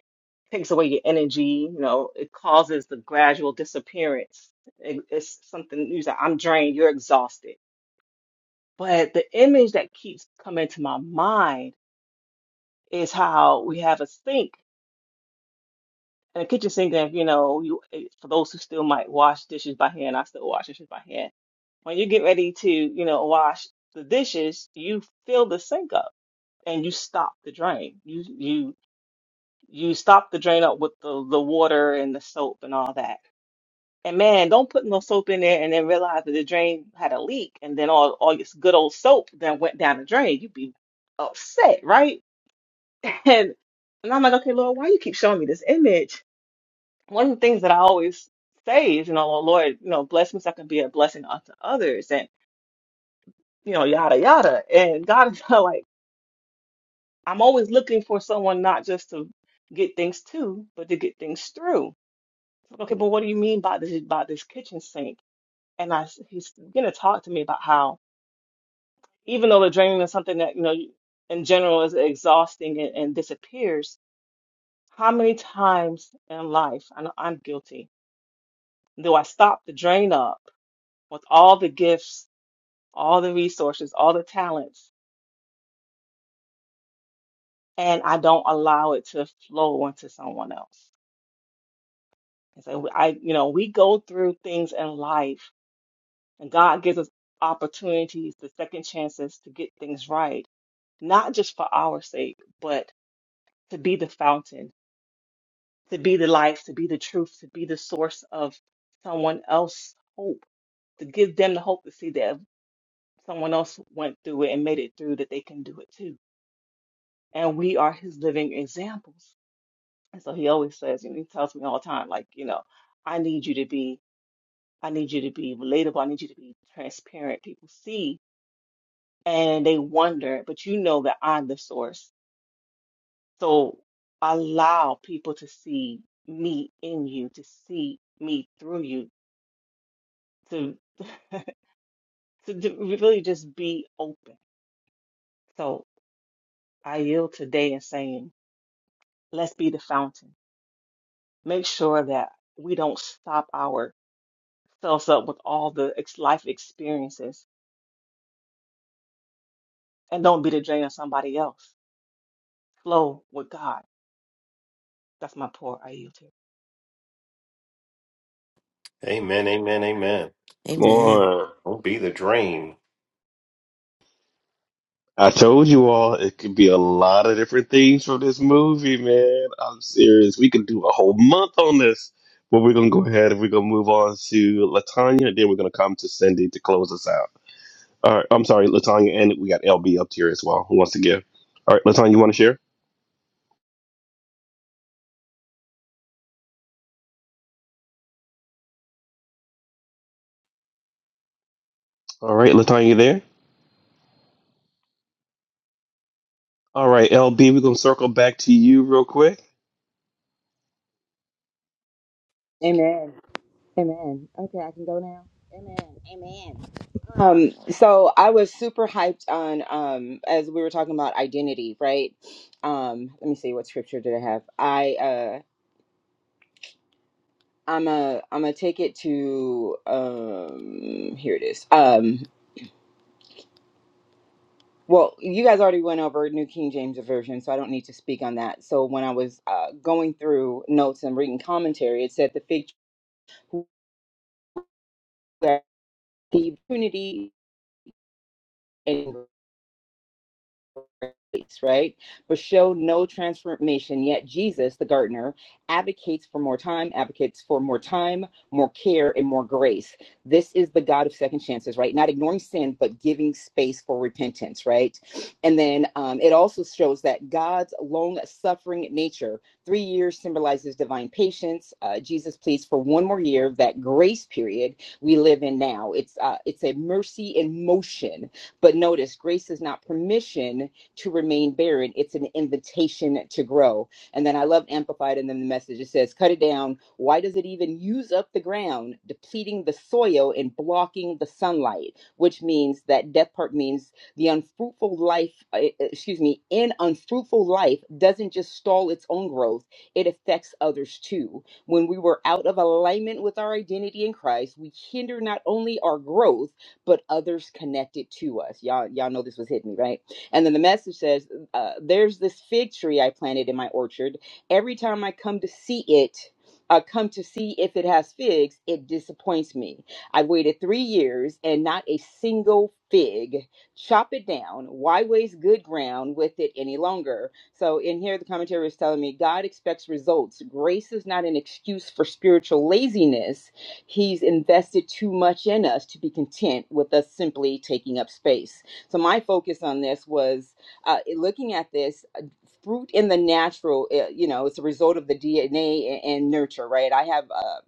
Speaker 10: takes away your energy. You know, it causes the gradual disappearance. It, it's something you say, "I'm drained, you're exhausted." But the image that keeps coming to my mind is how we have a sink. And a kitchen sink, and if, you know, you eh, for those who still might wash dishes by hand, I still wash dishes by hand. When you get ready to, you know, wash the dishes, you fill the sink up and you stop the drain. You you you stop the drain up with the the water and the soap and all that. And man, don't put no soap in there and then realize that the drain had a leak and then all all this good old soap then went down the drain. You'd be upset, right? And and I'm like, okay, Lord, why you keep showing me this image? One of the things that I always say is, you know, "Oh, Lord, you know, bless me so I can be a blessing unto others, and you know, yada yada. And God is like. I'm always looking for someone not just to get things to, but to get things through. Okay, but what do you mean by this by this kitchen sink? And I s- he's gonna talk to me about how even though the draining is something that you know in general is exhausting and, and disappears, how many times in life I know I'm guilty do I stop the drain up with all the gifts, all the resources, all the talents, and I don't allow it to flow onto someone else? And so I, you know, we go through things in life, and God gives us opportunities, the second chances to get things right, not just for our sake, but to be the fountain, to be the life, to be the truth, to be the source of someone else's hope, to give them the hope to see that if someone else went through it and made it through, that they can do it too. And we are His living examples. And so He always says, you He tells me all the time, like, you know, I need you to be. I need you to be relatable. I need you to be transparent. People see and they wonder, but you know that I'm the source. So allow people to see me in you, to see me through you, to to d- really just be open. So I yield today in saying, let's be the fountain. Make sure that we don't stop ourselves up with all the ex- life experiences and don't be the drain on somebody else. Flow with God That's my poor. I yield to
Speaker 1: Amen, amen, amen.
Speaker 2: Come
Speaker 7: Amen.
Speaker 2: on.
Speaker 1: Don't be the dream.
Speaker 2: I told you all it could be a lot of different things from this movie, man. I'm serious. We could do a whole month on this. But we're gonna go ahead and we're gonna move on to Latanya, and then we're gonna come to Cindy to close us out. All right, I'm sorry, Latanya, and we got LB up here as well. Who wants to give? All right, Latanya, you want to share? All right, Latanya, you there? All right, LB, we're gonna circle back to you real quick.
Speaker 8: Amen. Amen. Okay, I can go now. Amen. Amen. Um, so I was super hyped on um as we were talking about identity, right? Um, let me see what scripture did I have. I. I'm a I'm gonna take it to um here it is. Um well, you guys already went over New King James Version, so I don't need to speak on that. So when I was uh, going through notes and reading commentary, it said the fig tree who had the opportunity and right? But show no transformation. Yet Jesus, the gardener, advocates for more time, advocates for more time, more care, and more grace. This is the God of second chances, right? Not ignoring sin, but giving space for repentance, right? And then um, it also shows that God's long suffering nature, three years symbolizes divine patience. Uh, Jesus pleads for one more year, that grace period we live in now. It's uh, it's a mercy in motion. But notice, grace is not permission to remain barren. It's an invitation to grow. And then I love Amplified and then the message. It says, cut it down. Why does it even use up the ground, depleting the soil and blocking the sunlight? Which means that death part means the unfruitful life, uh, uh, excuse me, in unfruitful life doesn't just stall its own growth, it affects others too. When we were out of alignment with our identity in Christ, we hinder not only our growth, but others connected to us. Y'all, y'all know this was hitting me, right? And then the message says, uh, There's this fig tree I planted in my orchard. Every time I come to see it, I come to see if it has figs, it disappoints me. I've waited three years and not a single fig. Chop it down. Why waste good ground with it any longer? So, in here, the commentary is telling me God expects results. Grace is not an excuse for spiritual laziness. He's invested too much in us to be content with us simply taking up space. So my focus on this was uh, looking at this uh, fruit in the natural. uh, You know, it's a result of the DNA and, and nurture, right? I have. Uh,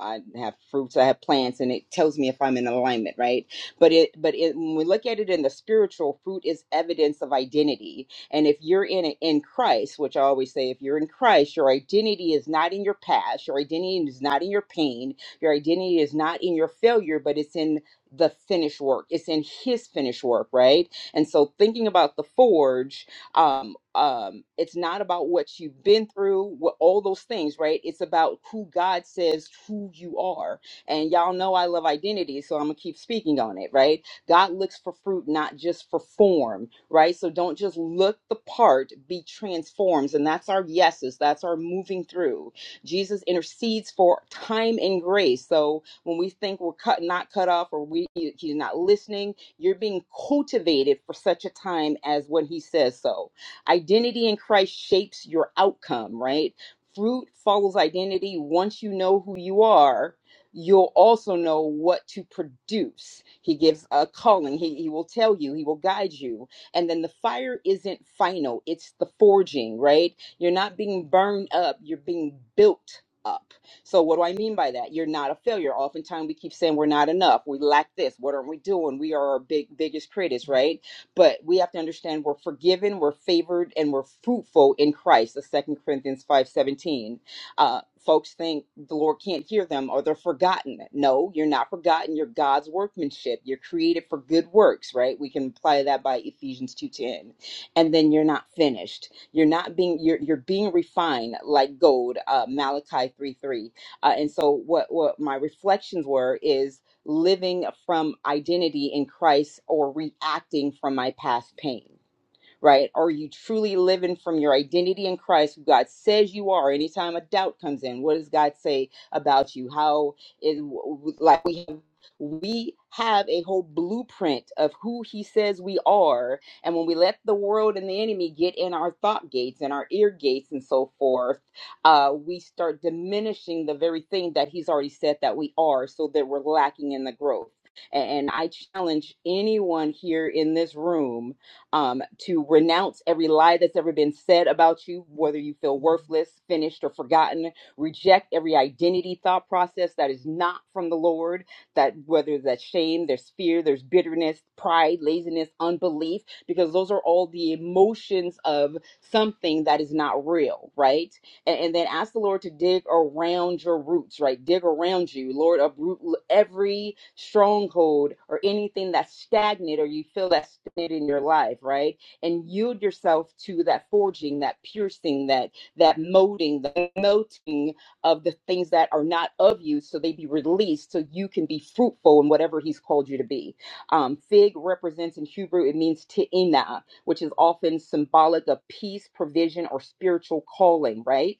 Speaker 8: I have fruits, I have plants, and it tells me if I'm in alignment, right? But it, but it, when we look at it in the spiritual, fruit is evidence of identity. And if you're in in Christ, which I always say, if you're in Christ, your identity is not in your past, your identity is not in your pain, your identity is not in your failure, but it's in the finished work. It's in his finished work, right? And so thinking about the forge, um, um, it's not about what you've been through, what, all those things, right? It's about who God says who you are. And y'all know I love identity, so I'm gonna keep speaking on it, right? God looks for fruit, not just for form, right? So don't just look the part, be transformed. and that's our yeses, that's our moving through. Jesus intercedes for time and grace. So when we think we're cut not cut off or we he's not listening you're being cultivated for such a time as when he says so identity in christ shapes your outcome right fruit follows identity once you know who you are you'll also know what to produce he gives a calling he, he will tell you he will guide you and then the fire isn't final it's the forging right you're not being burned up you're being built up so, what do I mean by that? You're not a failure. Oftentimes, we keep saying we're not enough. We lack this. What aren't we doing? We are our big biggest critics, right? But we have to understand we're forgiven, we're favored, and we're fruitful in Christ. The Second Corinthians five seventeen. Uh, folks think the Lord can't hear them or they're forgotten. No, you're not forgotten. You're God's workmanship. You're created for good works, right? We can apply that by Ephesians two ten. And then you're not finished. You're not being. You're you're being refined like gold. Uh, Malachi three three uh, and so, what, what my reflections were is living from identity in Christ or reacting from my past pain right? Are you truly living from your identity in Christ, who God says you are? Anytime a doubt comes in, what does God say about you? How is like we have we have a whole blueprint of who he says we are and when we let the world and the enemy get in our thought gates and our ear gates and so forth uh, we start diminishing the very thing that he's already said that we are so that we're lacking in the growth and i challenge anyone here in this room um, to renounce every lie that's ever been said about you, whether you feel worthless, finished, or forgotten. Reject every identity thought process that is not from the Lord. That whether that's shame, there's fear, there's bitterness, pride, laziness, unbelief, because those are all the emotions of something that is not real, right? and, and then ask the Lord to dig around your roots, right? Dig around you, Lord, uproot every stronghold or anything that's stagnant or you feel that's stagnant in your life, right? And yield yourself to that forging, that piercing, that that molding, the melting of the things that are not of you, so they be released, so you can be fruitful in whatever He's called you to be. Um, fig represents in Hebrew it means te'ina, which is often symbolic of peace, provision, or spiritual calling, right?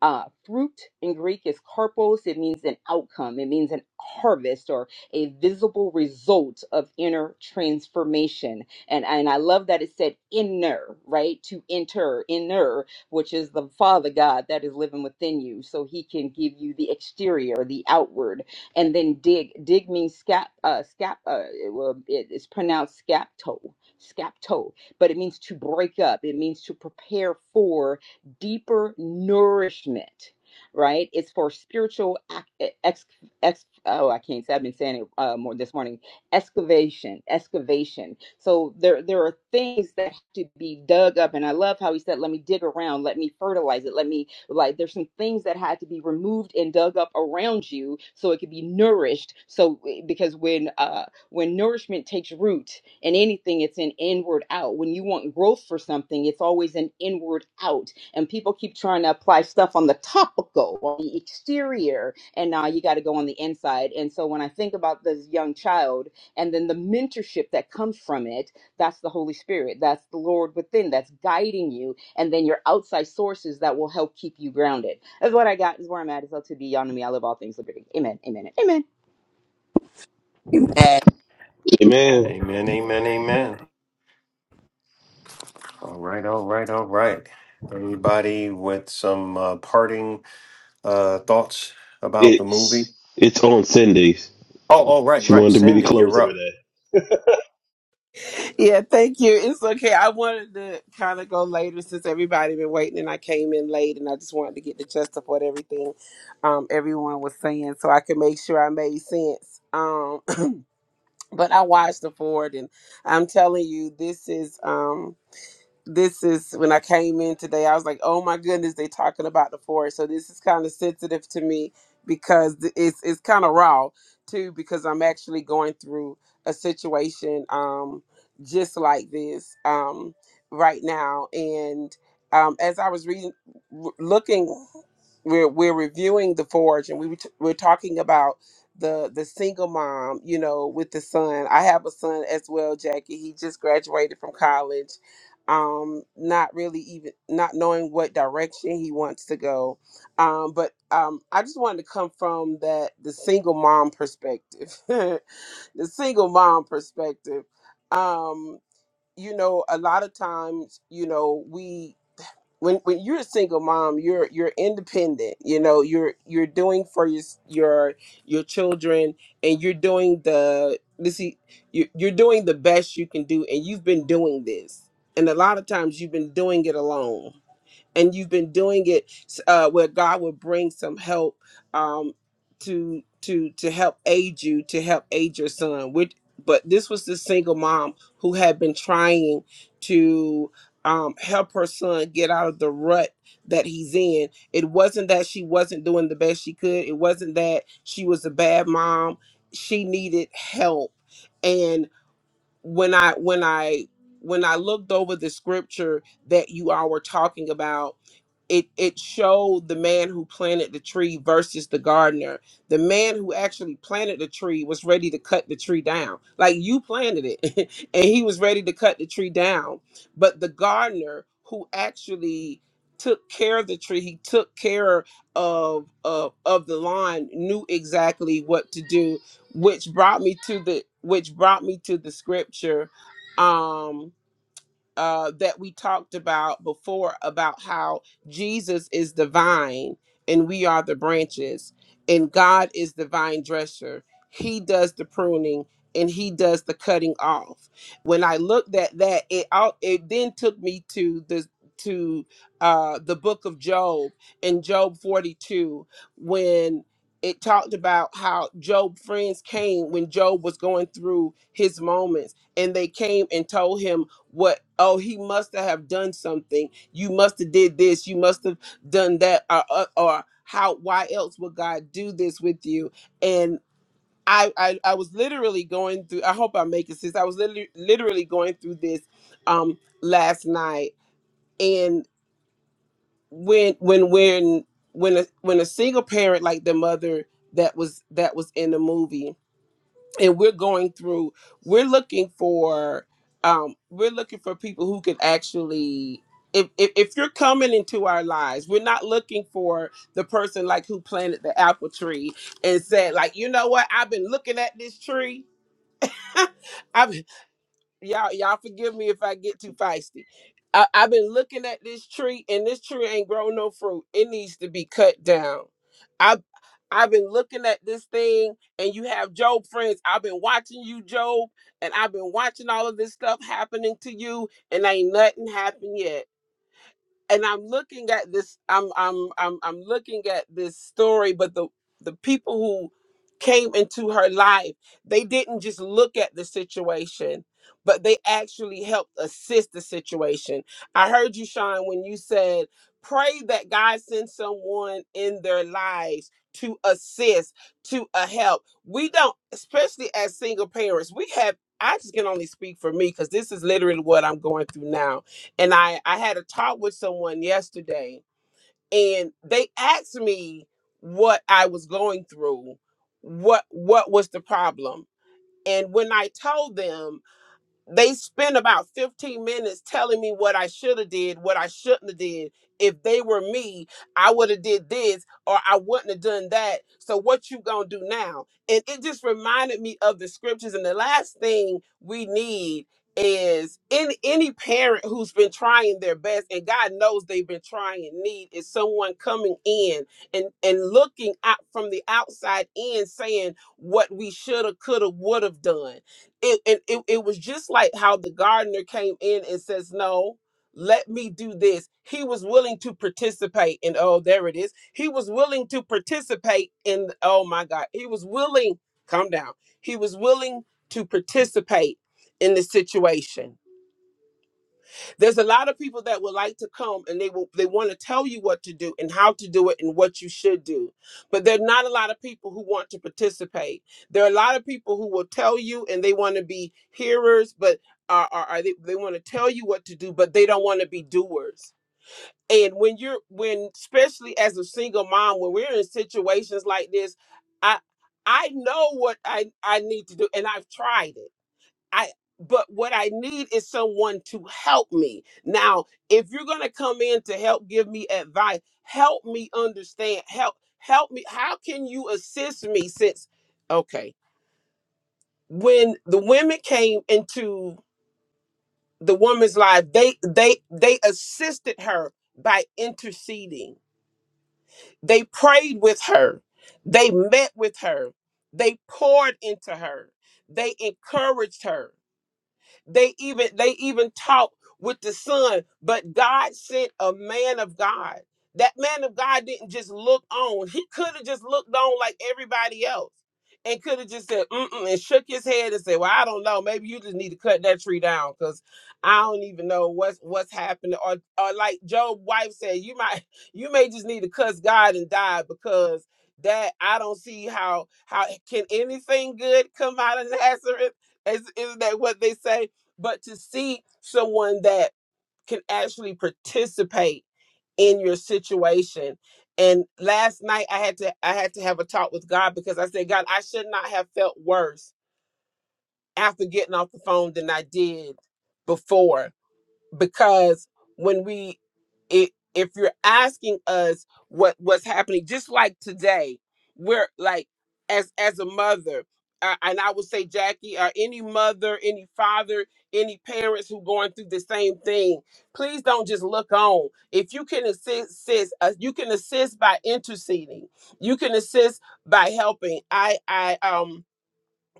Speaker 8: Uh, fruit in Greek is karpos. It means an outcome. It means an harvest or a visible result of inner transformation. And and I love that it said inner, right? To enter, inner, which is the Father God that is living within you, so He can give you the exterior, the outward, and then dig. Dig means scap. Uh, scap. Uh, it, will- it- it's pronounced scapto. Scapto, but it means to break up. It means to prepare for deeper nourishment, right? It's for spiritual ex, ex oh, I can't say I've been saying it uh, more this morning. Excavation, excavation. So there there are things that have to be dug up, and I love how he said, "Let me dig around, let me fertilize it, let me like." There's some things that had to be removed and dug up around you so it could be nourished. So eh, because when uh when nourishment takes root, in anything, it's an inward out. When you want growth for something, it's always an inward out and people keep trying to apply stuff on the topical on the exterior and now you got to go on the inside and so when i think about this young child and then the mentorship that comes from it that's the holy spirit that's the lord within that's guiding you and then your outside sources that will help keep you grounded that's what i got is where i'm at is up to be beyond me i love all things liberty amen amen and amen
Speaker 4: Amen.
Speaker 2: Hey, man,
Speaker 1: Amen, amen, amen. All right, all right, all right. Anybody with some uh, parting uh, thoughts about the movie?
Speaker 2: it's it's on Cindy.
Speaker 1: Oh, all right,
Speaker 2: She
Speaker 1: right.
Speaker 2: wanted to be the
Speaker 1: Cindy,
Speaker 2: closer
Speaker 1: you're up.
Speaker 2: today.
Speaker 11: Yeah, thank you. It's okay. I wanted to kind of go later since everybody been waiting and I came in late and I just wanted to get the gist of what everything um everyone was saying so I could make sure I made sense. Um but I watched the Ford and I'm telling you this is um this is when I came in today. I was like, oh my goodness, they talking about the forest. So this is kind of sensitive to me because th- it's it's kind of raw too because I'm actually going through a situation um just like this um right now and um as I was reading w- looking we're we're reviewing the forge and we were, t- we're talking about the the single mom you know with the son i have a son as well jackie he just graduated from college um not really even not knowing what direction he wants to go um but um i just wanted to come from that the single mom perspective the single mom perspective um you know a lot of times you know we when when you're a single mom, you're you're independent. You know, you're you're doing for your your your children, and you're doing the this e- you you're doing the best you can do, and you've been doing this. And a lot of times, you've been doing it alone and you've been doing it uh, where God will bring some help um, to to to help aid you to help aid your son. Which, but this was the single mom who had been trying to um, help her son get out of the rut that he's in. It wasn't that she wasn't doing the best she could. It wasn't that she was a bad mom. She needed help. And when I when I when I looked over the scripture that you all were talking about it it showed the man who planted the tree versus the gardener. The man who actually planted the tree was ready to cut the tree down. Like you planted it and he was ready to cut the tree down, but the gardener who actually took care of the tree, he took care of of of the lawn, knew exactly what to do, which brought me to the which brought me to the scripture. Um uh, that we talked about before about how Jesus is the vine and we are the branches, and God is the vine dresser. He does the pruning and He does the cutting off. When I looked at that, it all it then took me to the to uh, the book of Job in Job 42 when it talked about how Job friends came when Job was going through his moments and they came and told him what oh he must have done something you must have did this you must have done that or, or or how why else would god do this with you and I, I i was literally going through i hope i make it sense i was literally literally going through this um last night and when when when when a, when a single parent like the mother that was that was in the movie and we're going through we're looking for um we're looking for people who can actually if, if, if you're coming into our lives, we're not looking for the person like who planted the apple tree and said like, you know what? I've been looking at this tree. I've y'all y'all forgive me if I get too feisty. I, I've been looking at this tree and this tree ain't grown no fruit. It needs to be cut down. I I've been looking at this thing and you have Job friends. I've been watching you, Job, and I've been watching all of this stuff happening to you, and ain't nothing happened yet and I'm looking at this. I'm I'm I'm I'm looking at this story, but the the people who came into her life, they didn't just look at the situation, but they actually helped assist the situation. I heard you, Sean, when you said, "Pray that God sends someone in their lives." To assist, to a help. We don't, especially as single parents, we have, I just can only speak for me because this is literally what I'm going through now and I I had a talk with someone yesterday and they asked me what I was going through, what what was the problem. And when I told them they spent about 15 minutes telling me what I should have did, what I shouldn't have did. If they were me, I would have did this or I wouldn't have done that. So what you going to do now? And it just reminded me of the scriptures and the last thing we need is in any parent who's been trying their best and God knows they've been trying need is someone coming in and and looking out from the outside in saying what we should have could have would have done it, and it, it was just like how the gardener came in and says no let me do this he was willing to participate and oh there it is he was willing to participate in oh my god he was willing calm down he was willing to participate in the situation there's a lot of people that would like to come and they will they want to tell you what to do and how to do it and what you should do but there are not a lot of people who want to participate there are a lot of people who will tell you and they want to be hearers but are, are, are they, they want to tell you what to do but they don't want to be doers and when you're when especially as a single mom when we're in situations like this i i know what i i need to do and i've tried it I but what I need is someone to help me. Now, if you're going to come in to help give me advice, help me understand, help help me. How can you assist me since okay, when the women came into the woman's life, they they they assisted her by interceding. They prayed with her. They met with her. They poured into her. They encouraged her They even they even talked with the son, but God sent a man of God. That man of God didn't just look on. He could have just looked on like everybody else. And could have just said, mm-mm, and shook his head and said, Well, I don't know. Maybe you just need to cut that tree down because I don't even know what's what's happening. Or or like Job's wife said, you might you may just need to cuss God and die because that I don't see how how can anything good come out of Nazareth? Is, isn't that what they say? but to see someone that can actually participate in your situation and last night i had to i had to have a talk with god because i said god i should not have felt worse after getting off the phone than i did before because when we it, if you're asking us what what's happening just like today we're like as as a mother uh, and i would say jackie or any mother any father any parents who going through the same thing please don't just look on if you can assist, assist uh, you can assist by interceding you can assist by helping i i um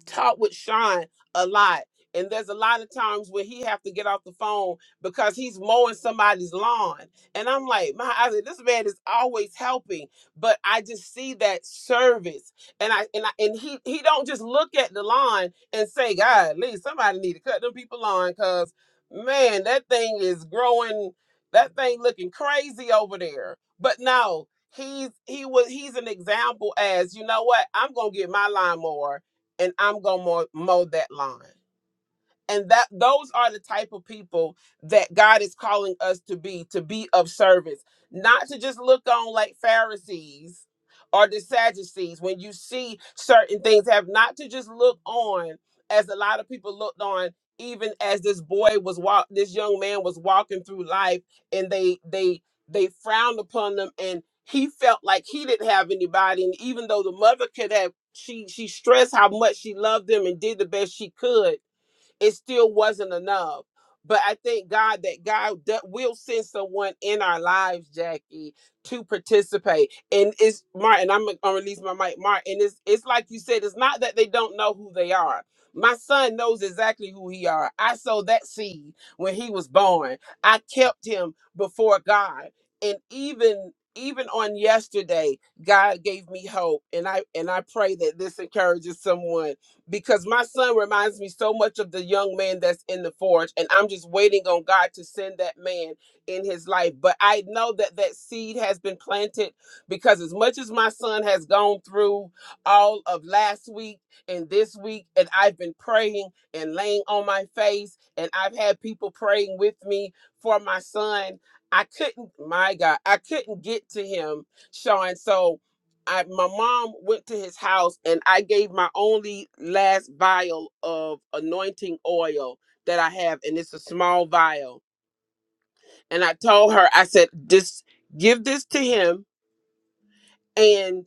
Speaker 11: talk with Sean a lot. And there's a lot of times where he have to get off the phone because he's mowing somebody's lawn. And I'm like, my I said, this man is always helping. But I just see that service. And I and I and he he don't just look at the lawn and say, God, Lee, somebody need to cut them people lawn because man, that thing is growing, that thing looking crazy over there. But no, he's he was he's an example as you know what, I'm gonna get my lawnmower and I'm gonna mow, that lawn and that those are the type of people that God is calling us to be to be of service not to just look on like Pharisees or the Sadducees when you see certain things have not to just look on as a lot of people looked on even as this boy was walk this young man was walking through life and they they they frowned upon them and he felt like he didn't have anybody and even though the mother could have she she stressed how much she loved them and did the best she could it still wasn't enough. But I thank God that God d- will send someone in our lives, Jackie, to participate. And it's Martin. I'm gonna I'll release my mic, Martin. It's it's like you said. It's not that they don't know who they are. My son knows exactly who he are. I sowed that seed when he was born. I kept him before God, and even even on yesterday, God gave me hope, and I and I pray that this encourages someone because my son reminds me so much of the young man that's in the forge and i'm just waiting on god to send that man in his life but i know that that seed has been planted because as much as my son has gone through all of last week and this week and i've been praying and laying on my face and i've had people praying with me for my son i couldn't my god i couldn't get to him sean so I my mom went to his house and I gave my only last vial of anointing oil that I have, and it's a small vial. And I told her, I said, just give this to him. and.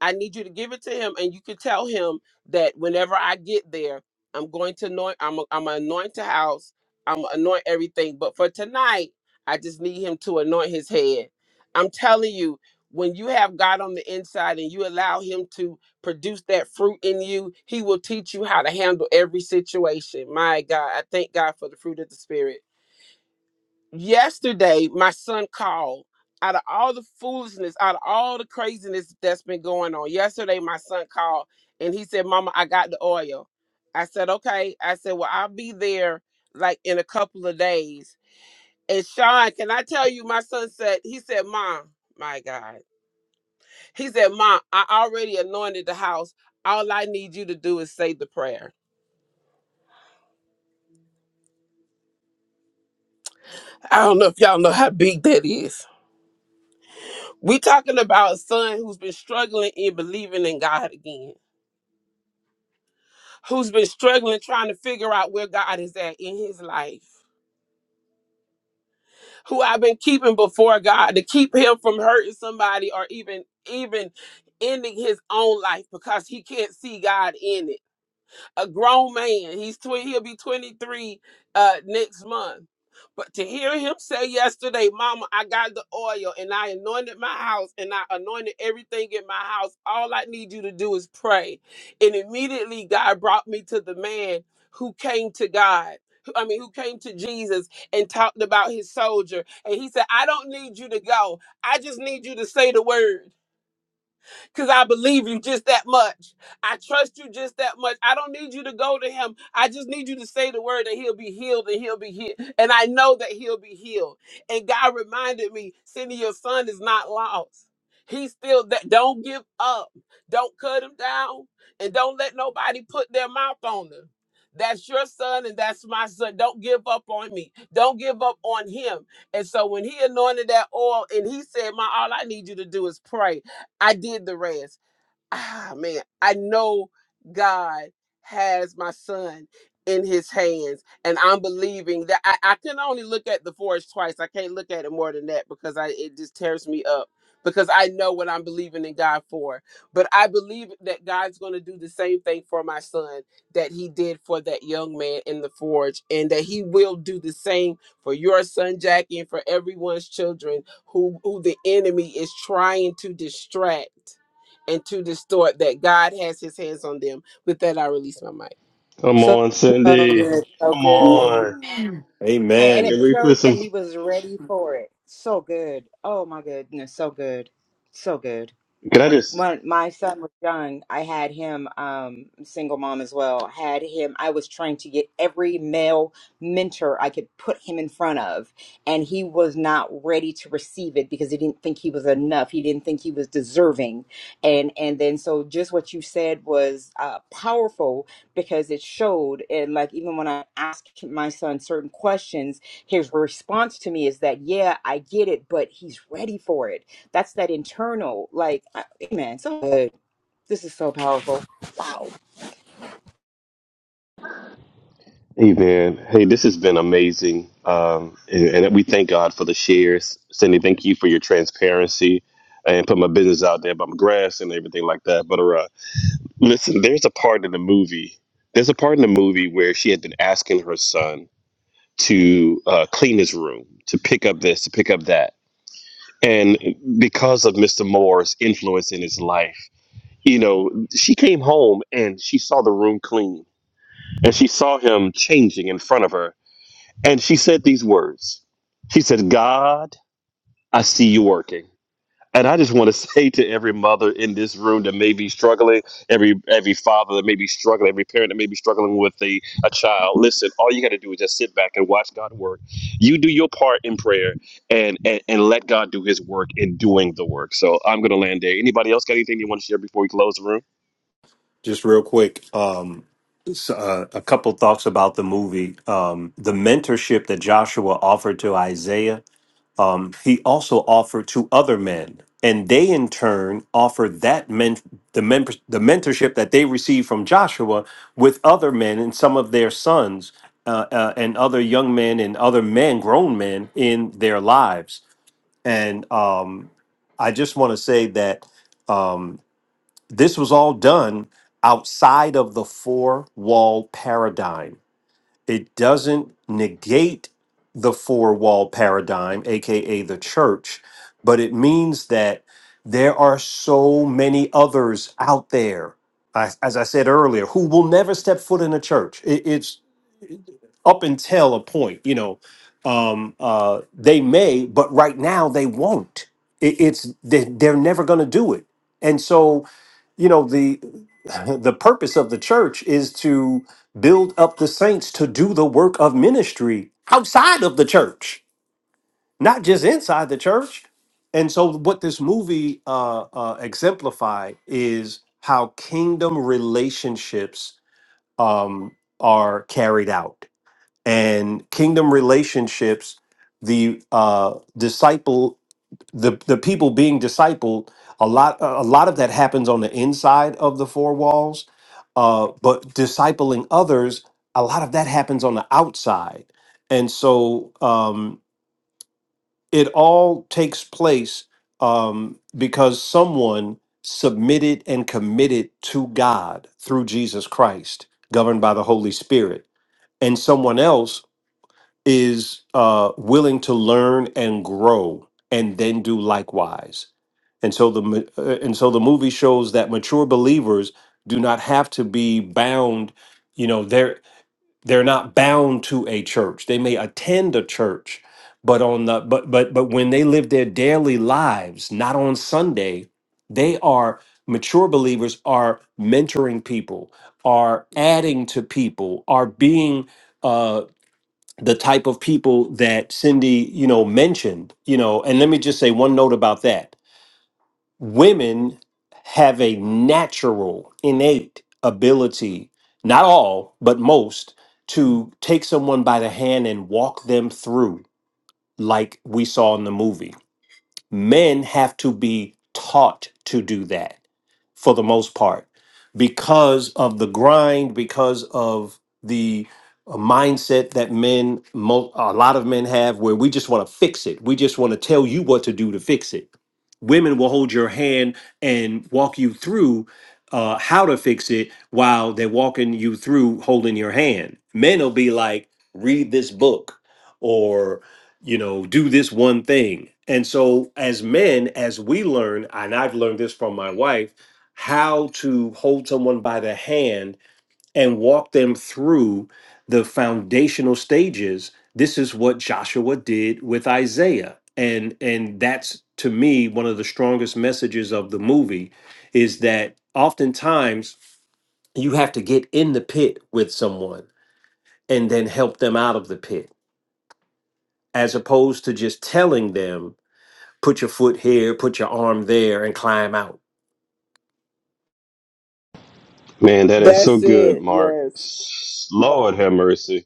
Speaker 11: I need you to give it to him, and you can tell him that whenever I get there, I'm going to anoint. I'm i I'm gonna anoint the house. I'm gonna anoint everything. But for tonight, I just need him to anoint his head. I'm telling you, when you have God on the inside and you allow Him to produce that fruit in you, He will teach you how to handle every situation. My God, I thank God for the fruit of the Spirit yesterday my son called out of all the foolishness out of all the craziness that's been going on yesterday my son called and he said mama i got the oil i said okay i said well i'll be there like in a couple of days and sean can i tell you my son said he said mom my god he said mom i already anointed the house all i need you to do is say the prayer i don't know if y'all know how big that is We talking about a son who's been struggling in believing in God again, who's been struggling trying to figure out where God is at in his life, who I've been keeping before God to keep him from hurting somebody or even even ending his own life because he can't see God in it. a grown man. He's tw- he'll be 23 uh next month. But to hear him say yesterday, Mama, I got the oil and I anointed my house and I anointed everything in my house. All I need you to do is pray. And immediately God brought me to the man who came to God. who- I mean, who came to Jesus and talked about his soldier. And he said, I don't need you to go. I just need you to say the word because I believe you just that much. I trust you just that much. I don't need you to go to him. I just need you to say the word and he'll be healed and he'll be healed. And I know that he'll be healed. And God reminded me, Cindy, your son is not lost. He's still that. Don't give up. Don't cut him down. And don't let nobody put their mouth on him. That's your son and that's my son. Don't give up on me. Don't give up on him. And so when he anointed that oil and he said, My all I need you to do is pray. I did the rest ah man, I know God has my son in his hands. And I'm believing that I, I can only look at the forest twice. I can't look at it more than that because I it just tears me up because I know what I'm believing in God for. But I believe that God's gonna do the same thing for my son that he did for that young man in the forge, and that he will do the same for your son Jackie and for everyone's children who who the enemy is trying to distract and to distort that God has his hands on them. With that, I release my mic.
Speaker 2: Come
Speaker 8: So
Speaker 2: on, Cindy.
Speaker 8: good. So
Speaker 2: Come
Speaker 8: good.
Speaker 2: on.
Speaker 8: and, and
Speaker 2: Can
Speaker 1: Amen.
Speaker 8: it
Speaker 2: we
Speaker 8: showed
Speaker 2: put
Speaker 8: that
Speaker 2: some?
Speaker 8: he was ready for it so good oh my goodness so good so good
Speaker 2: Can I just?
Speaker 8: when my son was young, I had him, um, single mom as well, had him, I was trying to get every male mentor I could put him in front of, and he was not ready to receive it because he didn't think he was enough. He didn't think he was deserving. And, and then, so just what you said was, uh, powerful because it showed, and like, even when I asked my son certain questions, his response to me is that, yeah, I get it, but he's ready for it that's that internal, like, I- hey, man, so good. This is so powerful. Wow.
Speaker 2: Hey man, hey, this has been amazing, um, and, and we thank God for the shares. Cindy, thank you for your transparency and put my business out there about my grass and everything like that. But uh, listen, there's a part in the movie. There's a part in the movie where she had been asking her son to uh, clean his room, to pick up this, to pick up that, and because of Mr. Moore's influence in his life, you know, she came home and she saw the room clean and she saw him changing in front of her. And she said these words She said, God, I see you working. And I just want to say to every mother in this room that may be struggling, every every father that may be struggling, every parent that may be struggling with a, a child, listen, all you got to do is just sit back and watch God work. You do your part in prayer and, and, and let God do his work in doing the work. So I'm going to land there. Anybody else got anything you want to share before we close the room?
Speaker 1: Just real quick, um, s- uh, a couple thoughts about the movie. Um, the mentorship that Joshua offered to Isaiah. Um, he also offered to other men, and they in turn offered that men the men the mentorship that they received from Joshua with other men and some of their sons uh, uh, and other young men and other men, grown men in their lives. And um, I just want to say that um, this was all done outside of the four wall paradigm it doesn't negate the four wall paradigm, AKA the church, but it means that there are so many others out there, I- as I said earlier, who will never step foot in a church. It- it's up until a point, you know, um, uh, they may, but right now they won't. It, it's they, they're never going to do it, and so you know the the purpose of the church is to build up the saints to do the work of ministry outside of the church, not just inside the church. And so, what this movie uh, uh, exemplified is how kingdom relationships um, are carried out and kingdom relationships the uh disciple the the people being discipled a lot a lot of that happens on the inside of the four walls uh but discipling others a lot of that happens on the outside and so um it all takes place um because someone submitted and committed to God through Jesus Christ governed by the Holy Spirit and someone else is uh, willing to learn and grow and then do likewise. And so the ma- uh, and so the movie shows that mature believers do not have to be bound, you know, they're they're not bound to a church. They may attend a church, but on the but but but when they live their daily lives, not on Sunday, they are mature believers are mentoring people, are adding to people, are being uh, the type of people that Cindy, you know, mentioned, you know, and let me just say one note about that. Women have a natural, innate ability, not all, but most, to take someone by the hand and walk them through, like we saw in the movie men have to be taught to do that for the most part because of the grind because of the uh, mindset that men mo- a lot of men have where we just want to fix it we just want to tell you what to do to fix it women will hold your hand and walk you through uh, how to fix it while they're walking you through holding your hand men will be like read this book you know, do this one thing. And so, as men, as we learn, and I've learned this from my wife, how to hold someone by the hand and walk them through the foundational stages. This is what Joshua did with Isaiah. And and that's to me one of the strongest messages of the movie is that oftentimes you have to get in the pit with someone and then help them out of the pit as opposed to just telling them put your foot here, put your arm there, and climb out.
Speaker 2: Man, that is so
Speaker 11: That's
Speaker 2: good,
Speaker 11: it.
Speaker 2: Mark.
Speaker 11: Yes.
Speaker 2: Lord have mercy.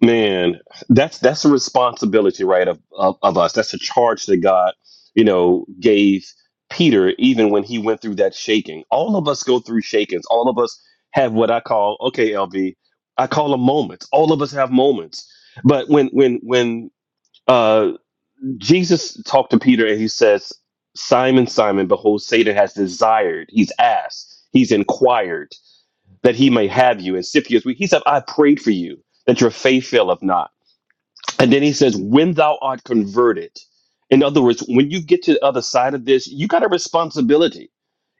Speaker 2: Man, that's that's a responsibility, right? Of, of of us. That's a charge that God, you know, gave Peter even when he went through that shaking. All of us go through shakings. All of us have what I call, okay, LB, I call them moments. All of us have moments. But when when when uh Jesus talked to Peter and he says, Simon, Simon, behold, Satan has desired, he's asked, he's inquired that he may have you. And Scipius, he said, I prayed for you that your faith faileth not and then he says, when thou art converted. In other words, when you get to the other side of this, you got a responsibility,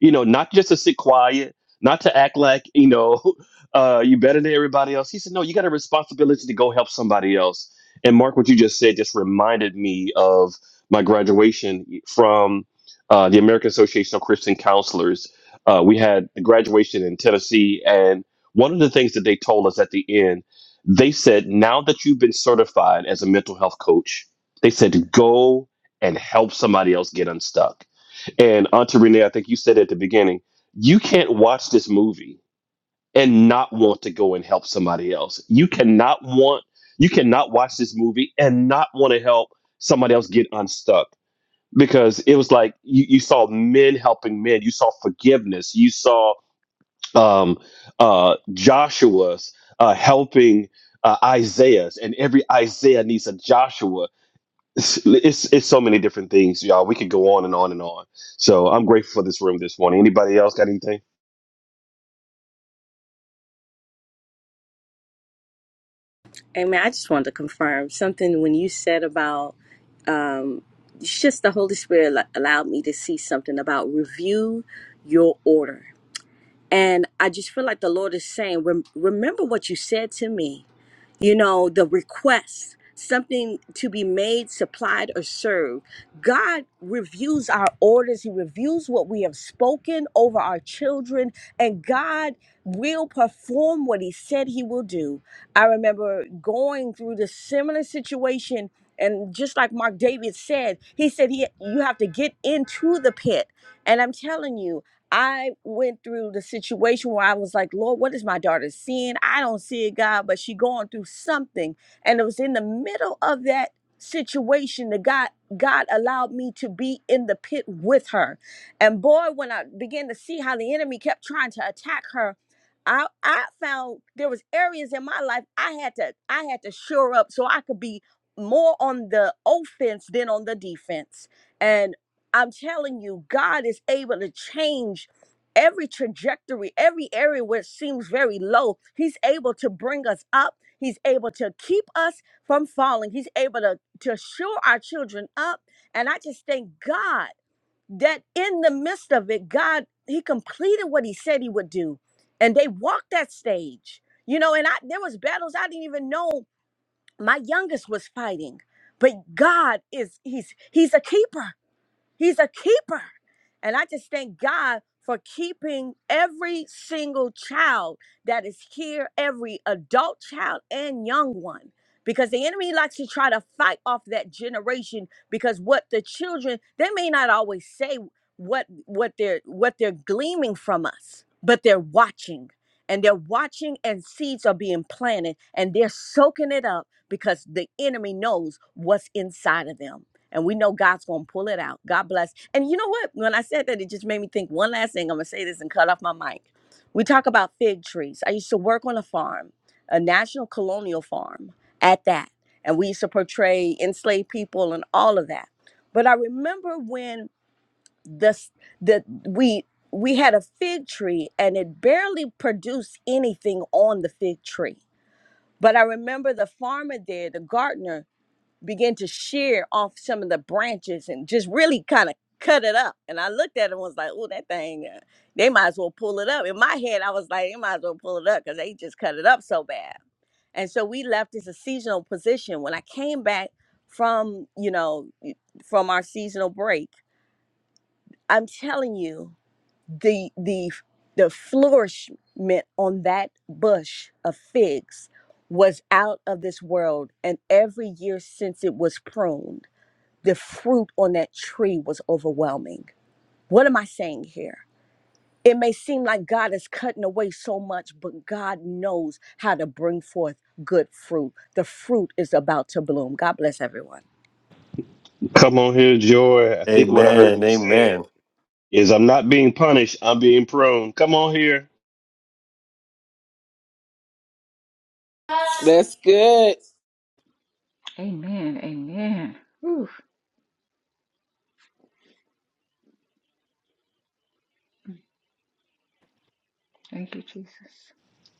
Speaker 2: you know, not just to sit quiet, not to act like, you know, uh, you better than everybody else. He said, no, you got a responsibility to go help somebody else. And Mark, what you just said just reminded me of my graduation from uh, the American Association of Christian Counselors. Uh, we had the graduation in Tennessee, and one of the things that they told us at the end they said now that you've been certified as a mental health coach they said go and help somebody else get unstuck and auntie renee i think you said at the beginning you can't watch this movie and not want to go and help somebody else you cannot want you cannot watch this movie and not want to help somebody else get unstuck because it was like you, you saw men helping men you saw forgiveness you saw um, uh, Joshua's uh, helping uh, Isaiah's, and every Isaiah needs a Joshua. It's, it's it's so many different things, y'all. We could go on and on and on. So I'm grateful for this room this morning. Anybody else got anything?
Speaker 9: Amen. I just wanted to confirm something when you said about um, it's just the Holy Spirit al- allowed me to see something about review your order. And I just feel like the Lord is saying, rem- remember what you said to me you know, the request, something to be made, supplied, or served. God reviews our orders, He reviews what we have spoken over our children, and God will perform what He said He will do. I remember going through this similar situation. And just like Mark David said, he said he you have to get into the pit. And I'm telling you, I went through the situation where I was like, Lord, what is my daughter seeing? I don't see it, God, but she going through something. And it was in the middle of that situation that God God allowed me to be in the pit with her. And boy, when I began to see how the enemy kept trying to attack her, I I found there was areas in my life I had to I had to shore up so I could be more on the offense than on the defense I'm telling you, God is able to change every trajectory, every area where it seems very low. He's able to bring us up. He's able to keep us from falling. He's able to, to shore our children up. And I just thank God that in the midst of it, God, He completed what He said He would do. And they walked that stage. You know, and I there was battles I didn't even know my youngest was fighting. But God is He's He's a keeper. He's a keeper. And I just thank God for keeping every single child that is here, every adult child and young one. Because the enemy likes to try to fight off that generation because what the children, they may not always say what what they're what they're gleaming from us, but they're watching. And they're watching and seeds are being planted and they're soaking it up because the enemy knows what's inside of them. And we know God's going to pull it out. God bless. And you know what? When I said that, it just made me think one last thing. I'm going to say this and cut off my mic. We talk about fig trees. I used to work on a farm, a national colonial farm at that. And we used to portray enslaved people and all of that. But I remember when the, the we we had a fig tree and it barely produced anything on the fig tree. But I remember the farmer there, the gardener, Begin to shear off some of the branches and just really kind of cut it up. And I looked at it and was like, oh, that thing, uh, they might as well pull it up. In my head, I was like, they might as well pull it up because they just cut it up so bad. And so we left as a seasonal position. When I came back from, you know, from our seasonal break, I'm telling you, the the the flourishment on that bush of figs was out of this world. And every year since it was pruned the fruit on that tree was overwhelming. What am I saying here? It may seem like God is cutting away so much, but God knows how to bring forth good fruit. The fruit is about to bloom. God bless everyone.
Speaker 2: Come on here, Joy. I think what I heard
Speaker 1: Amen.
Speaker 2: you say
Speaker 1: Amen.
Speaker 2: is I'm not being punished. I'm being prone. Come on here.
Speaker 11: That's good.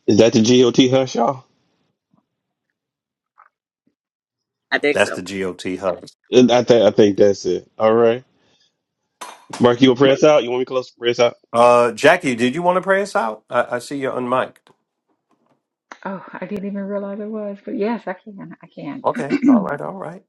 Speaker 2: Is that the GOT hush, y'all?
Speaker 9: I think
Speaker 1: That's
Speaker 9: so.
Speaker 1: the GOT hug.
Speaker 2: I think I think that's it. All right, Mark, you gonna press out? You want me to close press out?
Speaker 1: Uh, Jackie, did you want to pray us out? I, I see you're unmiked. Okay. All right. All right.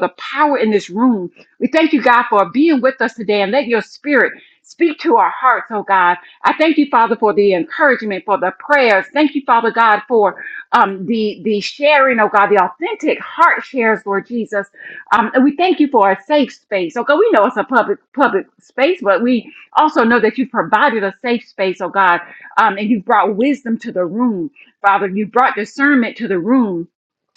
Speaker 12: for the power in this room. We thank you, God, for being with us today and let your spirit speak to our hearts, oh God. I thank you, Father, for the encouragement, for the prayers. Thank you, Father God, for um, the, the sharing, oh God, the authentic heart shares, Lord Jesus. Um, and we thank you for a safe space. Okay, we know it's a public public space, but we also know that you've provided a safe space, oh God, um, and you've brought wisdom to the room, Father. You brought discernment to the room.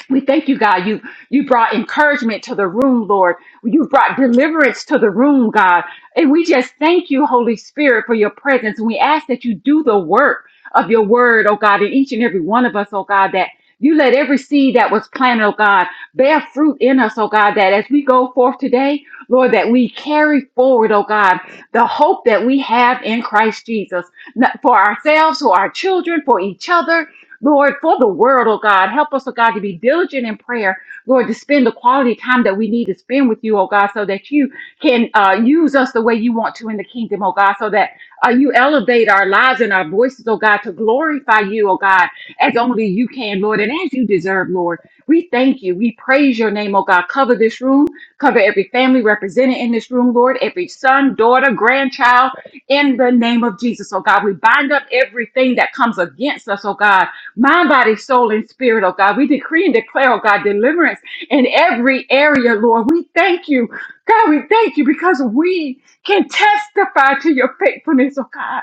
Speaker 12: We thank you, God. You you brought encouragement to the room, Lord. You brought deliverance to the room, God. And we just thank you, Holy Spirit, for your presence. And we ask that you do the work of your word, oh God, in each and every one of us, oh God, that you let every seed that was planted, oh God, bear fruit in us, oh God, that as we go forth today, Lord, that we carry forward, oh God, the hope that we have in Christ Jesus, not for ourselves, for our children, for each other, Lord, for the world, oh God, help us, oh God, to be diligent in prayer, Lord, to spend the quality time that we need to spend with you, oh God, so that you can uh, use us the way you want to in the kingdom, oh God, so that uh, you elevate our lives and our voices, oh God, to glorify you, oh God, as only you can, Lord, and as you deserve, Lord. We thank you. We praise your name, oh God. Cover this room, cover every family represented in this room, Lord, every son, daughter, grandchild, in the name of Jesus, oh God. We bind up everything that comes against us, oh God mind, body, soul, and spirit, oh God. We decree and declare, oh God, deliverance in every area, Lord. We thank you. God, we thank you because we can testify to your faithfulness, oh God.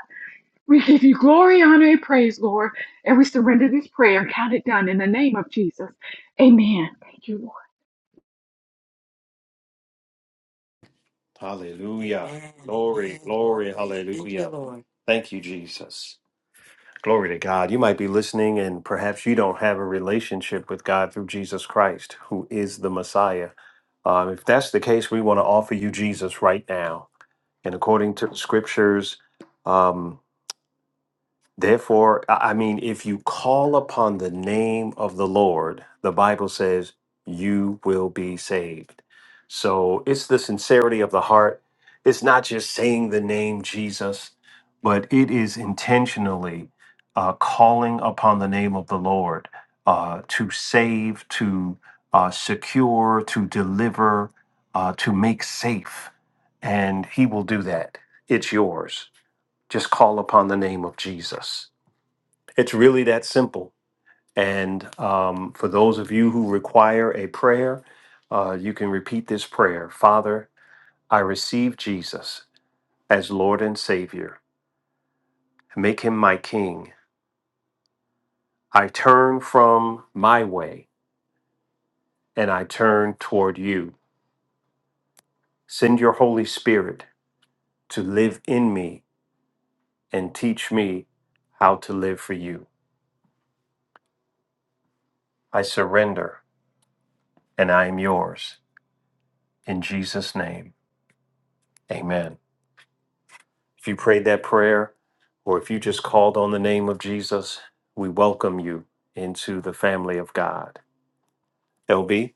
Speaker 12: We give you glory, honor, and praise, Lord. And we surrender this prayer and count it done in the name of Jesus. Amen. Thank you, Lord.
Speaker 1: Hallelujah. Amen. Glory, Amen. glory, Glory. Thank you, hallelujah. Lord. Thank you, Jesus. Glory to God. You might be listening, and perhaps you don't have a relationship with God through Jesus Christ, who is the Messiah. Um, if that's the case, we want to offer you Jesus right now. And according to the scriptures, um, Therefore, I I mean, if you call upon the name of the Lord, the Bible says you will be saved. So it's the sincerity of the heart. It's not just saying the name Jesus, but it is intentionally uh, calling upon the name of the Lord uh, to save, to uh, secure, to deliver, uh, to make safe. And He will do that. It's yours. Just call upon the name of Jesus. It's really that simple. And um, for those of you who require a prayer, uh, you can repeat this prayer Father, I receive Jesus as Lord and Savior. Make him my King. I turn from my way and I turn toward you. Send your Holy Spirit to live in me and teach me how to live for you. I surrender and I am yours. In Jesus' name, amen. If you prayed that prayer, or if you just called on the name of Jesus, we welcome you into the family of God. LB?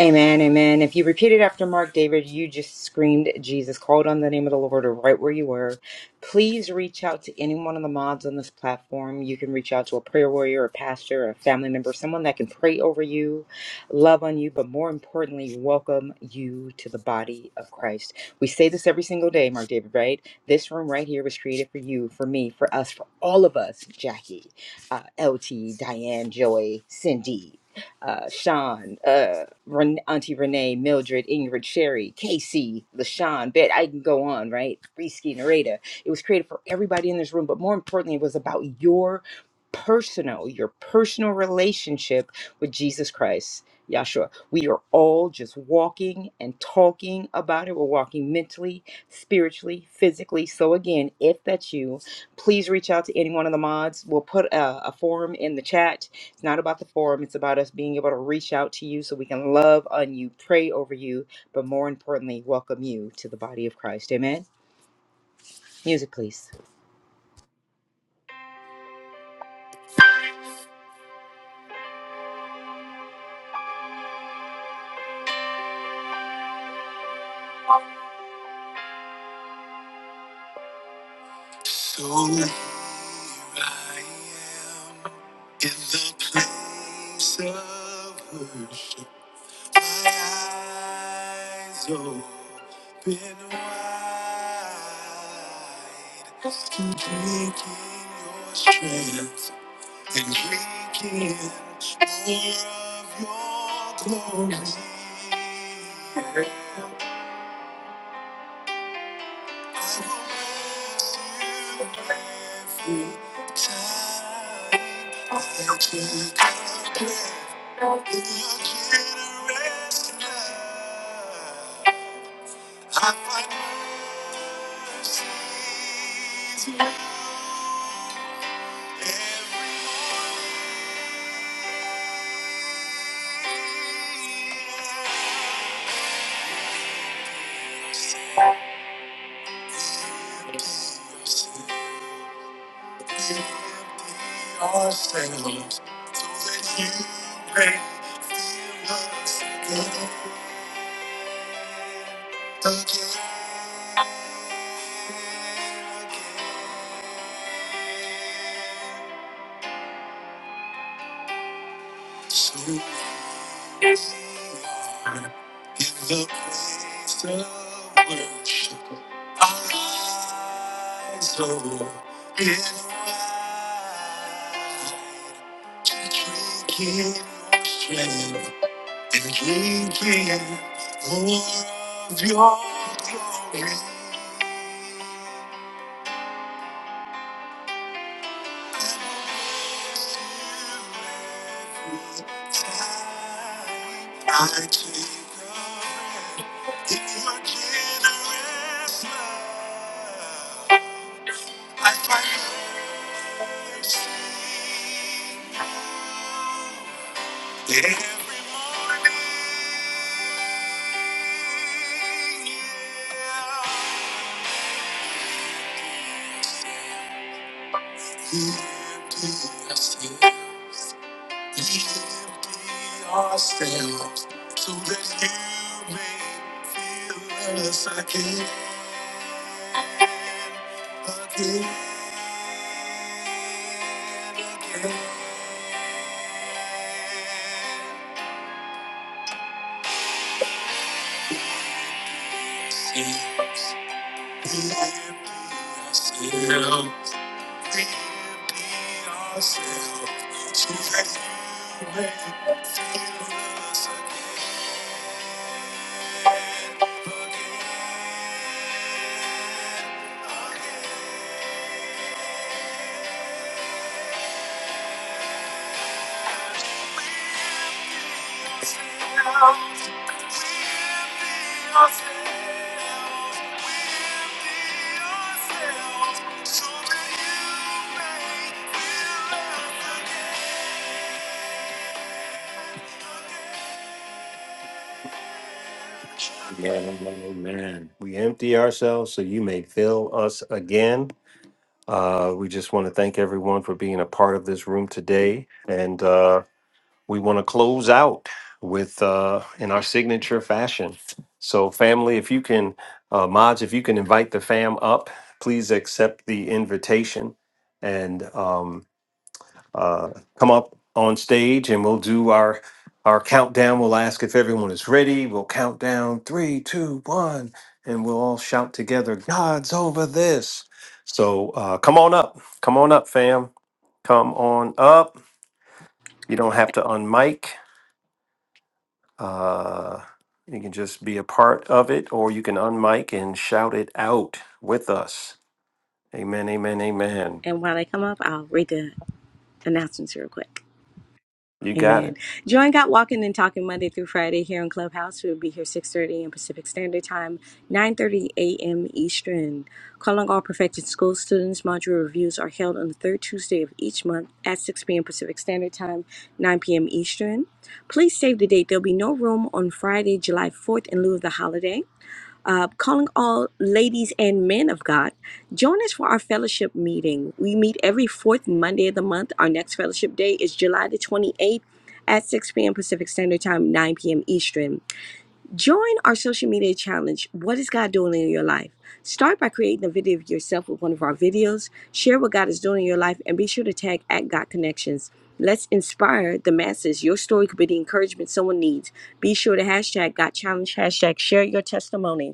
Speaker 8: Amen, amen. If you repeated after Mark David, you just screamed Jesus, called on the name of the Lord or right where you were. Please reach out to any one of the mods on this platform. You can reach out to a prayer warrior, a pastor, a family member, someone that can pray over you, love on you, but more importantly, welcome you to the body of Christ. We say this every single day, Mark David, right? This room right here was created for you, for me, for us, for all of us, Jackie, uh, LT, Diane, Joy, Cindy uh, Sean, uh, Ren- Auntie Renee, Mildred, Ingrid, Sherry, Casey, LaShawn, Bet. I can go on, right? Risky Narada. It was created for everybody in this room, but more importantly, it was about your personal, your personal relationship with Jesus Christ. Yahshua, we are all just walking and talking about it. We're walking mentally, spiritually, physically. So, again, if that's you, please reach out to any one of the mods. We'll put a, a forum in the chat it's not about the forum, it's about us being able to reach out to you so we can love on you, pray over you, but more importantly, welcome you to the body of Christ. Amen. Music, please.
Speaker 1: So here I am in the place of worship. My eyes open wide, drinking your strength. and we can more of your glory. I Empty ourselves so that you may fill us again. So we are in the place of worship. Our eyes are open wide to drink in your strength. and drinking more of your glory. I take a breath in your generous love. I find mercy every morning. Ourselves so that you may feel us again, again, again. Yes, we empty ourselves. We empty ourselves so you may fill us again. Uh, we just want to thank everyone for being a part of this room today. And uh, we want to close out with uh, in our signature fashion. So, family, if you can, uh, mods, if you can invite the fam up, please accept the invitation. And um, uh, come up on stage and we'll do our our countdown. We'll ask if everyone is ready. We'll count down three, two, one, and we'll all shout together, "God's over this." So uh, come on up, come on up, fam, come on up. You don't have to unmic. Uh, you can just be a part of it, or you can unmic and shout it out with us. Amen, amen, amen.
Speaker 9: And while they come up, I'll read the announcements real quick.
Speaker 1: You got it.
Speaker 9: Amen. Join Got Walking and Talking Monday through Friday here on Clubhouse. We'll be here 6.30 a.m. Pacific Standard Time, 9.30 a.m. Eastern. Calling all perfected school students. Module reviews are held on the third Tuesday of each month at 6 p.m. Pacific Standard Time, 9 p.m. Eastern. Please save the date. There'll be no room on Friday, July 4th in lieu of the holiday uh, calling all ladies and men of God. Join us for our fellowship meeting. We meet every fourth Monday of the month. Our next fellowship day is July the 28th at 6 p.m. Pacific Standard Time, 9 p.m. Eastern. Join our social media challenge. What is God doing in your life? Start by creating a video of yourself with one of our videos. Share what God is doing in your life and be sure to tag at God Connections. Let's inspire the masses. Your story could be the encouragement someone needs. Be sure to hashtag God Challenge, hashtag share your testimony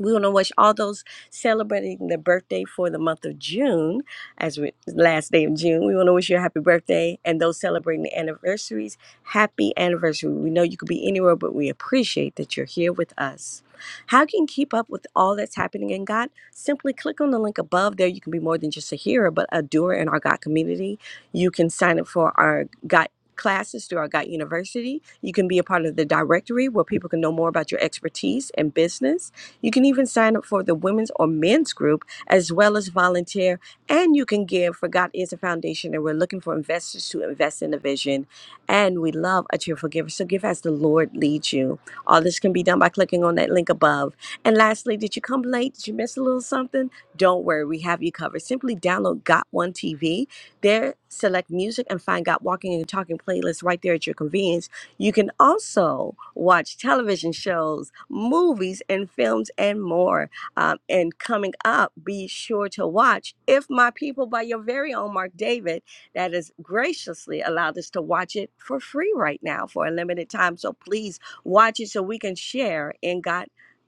Speaker 9: we want to wish all those celebrating their birthday for the month of June, as we last day of June. We want to wish you a happy birthday, and those celebrating the anniversaries, happy anniversary. We know you could be anywhere, but we appreciate that you're here with us. How can you keep up with all that's happening in God? Simply click on the link above. There, you can be more than just a hearer, but a doer in our God community. You can sign up for our God classes through our God University. You can be a part of the directory where people can know more about your expertise and business. You can even sign up for the women's or men's group as well as volunteer, and you can give for God is a foundation, and we're looking for investors to invest in the vision. And we love a cheerful giver, so give as the Lord leads you. All this can be done by clicking on that link above. And lastly, did you come late? Did you miss a little something? Don't worry, we have you covered. Simply download Got One TV. There, select music and find Got Walking and Talking playlist right there at your convenience you can also watch television shows, movies, and films, and more. Um, and coming up, be sure to watch If My People by your very own Mark David, that has graciously allowed us to watch it for free right now for a limited time. So please watch it so we can share in God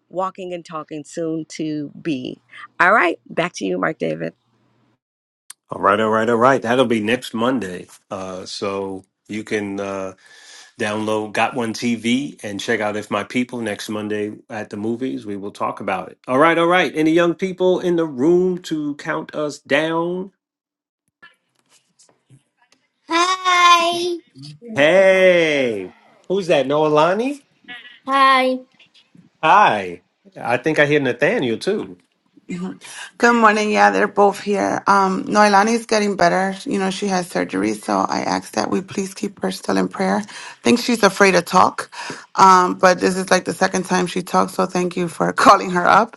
Speaker 9: walking and talking soon to be. All right, back to you, Mark David.
Speaker 1: All right, all right, all right. That'll be next Monday. Uh, so you can uh, download Got One TV and check out If My People next Monday at the movies. We will talk about it. All right, all right. Any young people in the room to count us down?
Speaker 13: Hi.
Speaker 14: Love
Speaker 1: Hey, who's that? Noelani?
Speaker 13: Hi.
Speaker 1: Hi. I think I hear Nathaniel too.
Speaker 13: Mhm. Good morning. Yeah, they're both here. Um, Noelani's getting better. You know, she has surgery, so I asked that we please keep her still in prayer. I think she's afraid to talk, um, but this is like the second time she talks, so thank you for calling her up.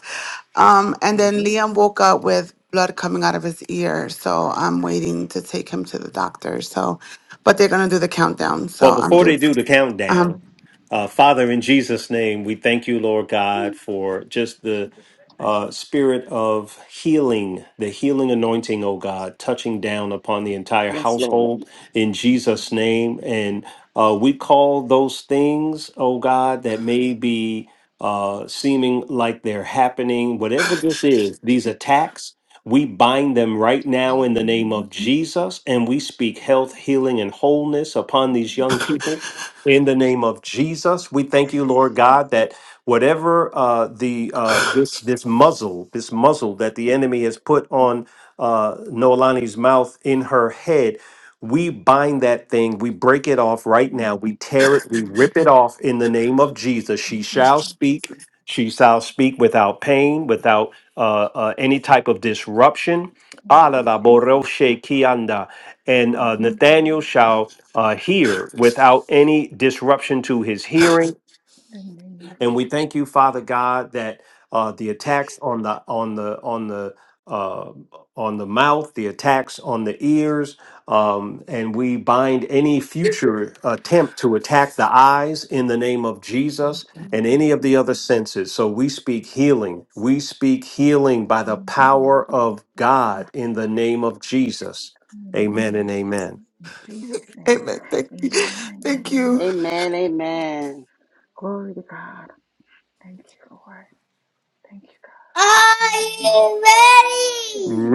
Speaker 13: Um, and
Speaker 1: Mm-hmm.
Speaker 13: then Liam woke up with blood coming out of his ear, so I'm waiting to take him to the doctor. So, but they're gonna do the countdown, so
Speaker 1: Well,
Speaker 13: I'm
Speaker 1: before they
Speaker 13: just
Speaker 1: do the
Speaker 13: um.
Speaker 1: countdown, uh, Father, in Jesus' name, we thank you, Lord God, for just the uh, spirit of healing, the healing anointing, oh God, touching down upon the entire
Speaker 4: Yes, Lord.
Speaker 1: household in Jesus' name. And uh, we call those things, oh God, that may be uh, seeming like they're happening, whatever this is, these attacks. We bind them right now in the name of Jesus, and we speak health, healing, and wholeness upon these young people. In the name of Jesus, we thank you, Lord God, that whatever uh, the uh, this this muzzle, this muzzle that the enemy has put on uh, Noelani's mouth in her head, we bind that thing, we break it off right now, we tear it, we rip it off in the name of Jesus. She shall speak. She shall speak without pain, without uh, uh, any type of disruption. Ala la boroshe kianda. And uh, Nathaniel shall uh, hear without any disruption to his hearing and we thank you, Father God, that uh, the attacks on the on the on the uh, on the mouth, the attacks on the ears, um, and we bind any future attempt to attack the eyes in the name of Jesus and any of the other senses. So we speak healing. We speak healing by the power of God in the name of Jesus.
Speaker 12: In
Speaker 1: Amen and amen.
Speaker 12: Jesus' name.
Speaker 13: Amen. Thank you.
Speaker 12: Amen.
Speaker 13: Thank you.
Speaker 12: Amen.
Speaker 4: Amen.
Speaker 12: Lord.
Speaker 4: Amen.
Speaker 12: Glory to God. Thank you, Lord. Thank you, God.
Speaker 13: Are
Speaker 12: Amen.
Speaker 13: you ready?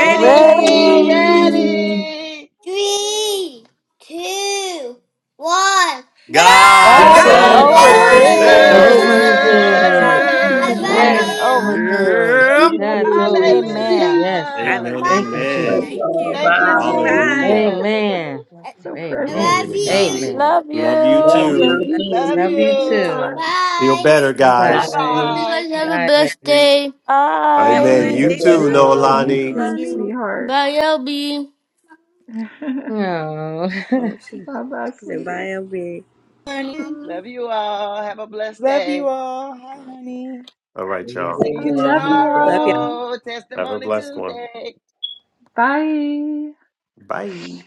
Speaker 14: you too.
Speaker 4: we're
Speaker 15: Ready.
Speaker 4: ready.
Speaker 13: Three, two, one, go!
Speaker 15: God is
Speaker 4: God
Speaker 16: That's
Speaker 4: is
Speaker 15: over
Speaker 4: over
Speaker 13: Dance!
Speaker 15: this.
Speaker 16: over
Speaker 4: this.
Speaker 16: this.
Speaker 13: Woo! I
Speaker 12: Yeah,
Speaker 13: love
Speaker 15: God
Speaker 9: Hallelujah.
Speaker 15: is
Speaker 16: Yes,
Speaker 15: over
Speaker 13: you.
Speaker 4: Hallelujah.
Speaker 12: We
Speaker 15: this.
Speaker 12: love
Speaker 16: that's
Speaker 12: you
Speaker 16: over
Speaker 12: too,
Speaker 16: this.
Speaker 12: sweeties.
Speaker 15: Amen.
Speaker 16: Yes, Lord.
Speaker 1: Amen.
Speaker 16: Thank
Speaker 9: Hallelujah.
Speaker 16: you, Jesus.
Speaker 12: Mm,
Speaker 1: Amen.
Speaker 13: Bye.
Speaker 9: Love you.
Speaker 4: Jesus.
Speaker 12: Bye.
Speaker 9: Bye.
Speaker 1: Hallelujah.
Speaker 16: Amen.
Speaker 13: I,
Speaker 12: so
Speaker 13: I
Speaker 12: precious.
Speaker 16: Amen.
Speaker 1: Glory
Speaker 13: love
Speaker 1: to
Speaker 12: Thank you,
Speaker 1: God.
Speaker 13: you.
Speaker 16: Amen.
Speaker 12: Lord.
Speaker 15: Love
Speaker 1: Love you
Speaker 12: I
Speaker 15: you.
Speaker 12: love
Speaker 1: too.
Speaker 9: Love
Speaker 12: you
Speaker 9: you
Speaker 16: Love
Speaker 9: too.
Speaker 12: too,
Speaker 16: you too.
Speaker 4: Bye
Speaker 12: sweethearts.
Speaker 1: Feel
Speaker 13: Bye.
Speaker 1: better,
Speaker 12: Bye
Speaker 1: guys.
Speaker 14: Bye.
Speaker 16: Bye.
Speaker 13: Hope you
Speaker 12: bye.
Speaker 4: bye.
Speaker 13: guys have a
Speaker 16: Bye,
Speaker 13: blessed
Speaker 16: baby.
Speaker 13: day.
Speaker 9: You have
Speaker 12: Thank
Speaker 9: a
Speaker 14: You
Speaker 1: Amen.
Speaker 15: Bye.
Speaker 9: blessed
Speaker 14: have
Speaker 1: You
Speaker 14: a
Speaker 12: you,
Speaker 9: day
Speaker 1: too,
Speaker 12: Ziggy.
Speaker 14: blessed day.
Speaker 12: You
Speaker 9: too,
Speaker 16: Aww.
Speaker 1: Noelani.
Speaker 12: too,
Speaker 9: Nalani.
Speaker 12: sweetheart.
Speaker 13: Bye, LB.
Speaker 12: bye
Speaker 16: Aww.
Speaker 9: Oh, she she
Speaker 12: bye,
Speaker 9: said,
Speaker 12: sweetie.
Speaker 9: bye, LB.
Speaker 8: Morning.
Speaker 4: Love us
Speaker 8: Love you
Speaker 4: stay.
Speaker 8: all. Hi, honey.
Speaker 1: All right,
Speaker 14: Love
Speaker 1: y'all.
Speaker 4: See
Speaker 12: I
Speaker 4: you
Speaker 9: Man,
Speaker 12: love
Speaker 14: everyone. Have
Speaker 12: you
Speaker 14: a
Speaker 9: Love
Speaker 14: blessing.
Speaker 9: y'all.
Speaker 12: all.
Speaker 4: tomorrow.
Speaker 1: Have a
Speaker 4: Testimony
Speaker 1: blessed one.
Speaker 4: Tuesday.
Speaker 12: Bye.
Speaker 1: Bye.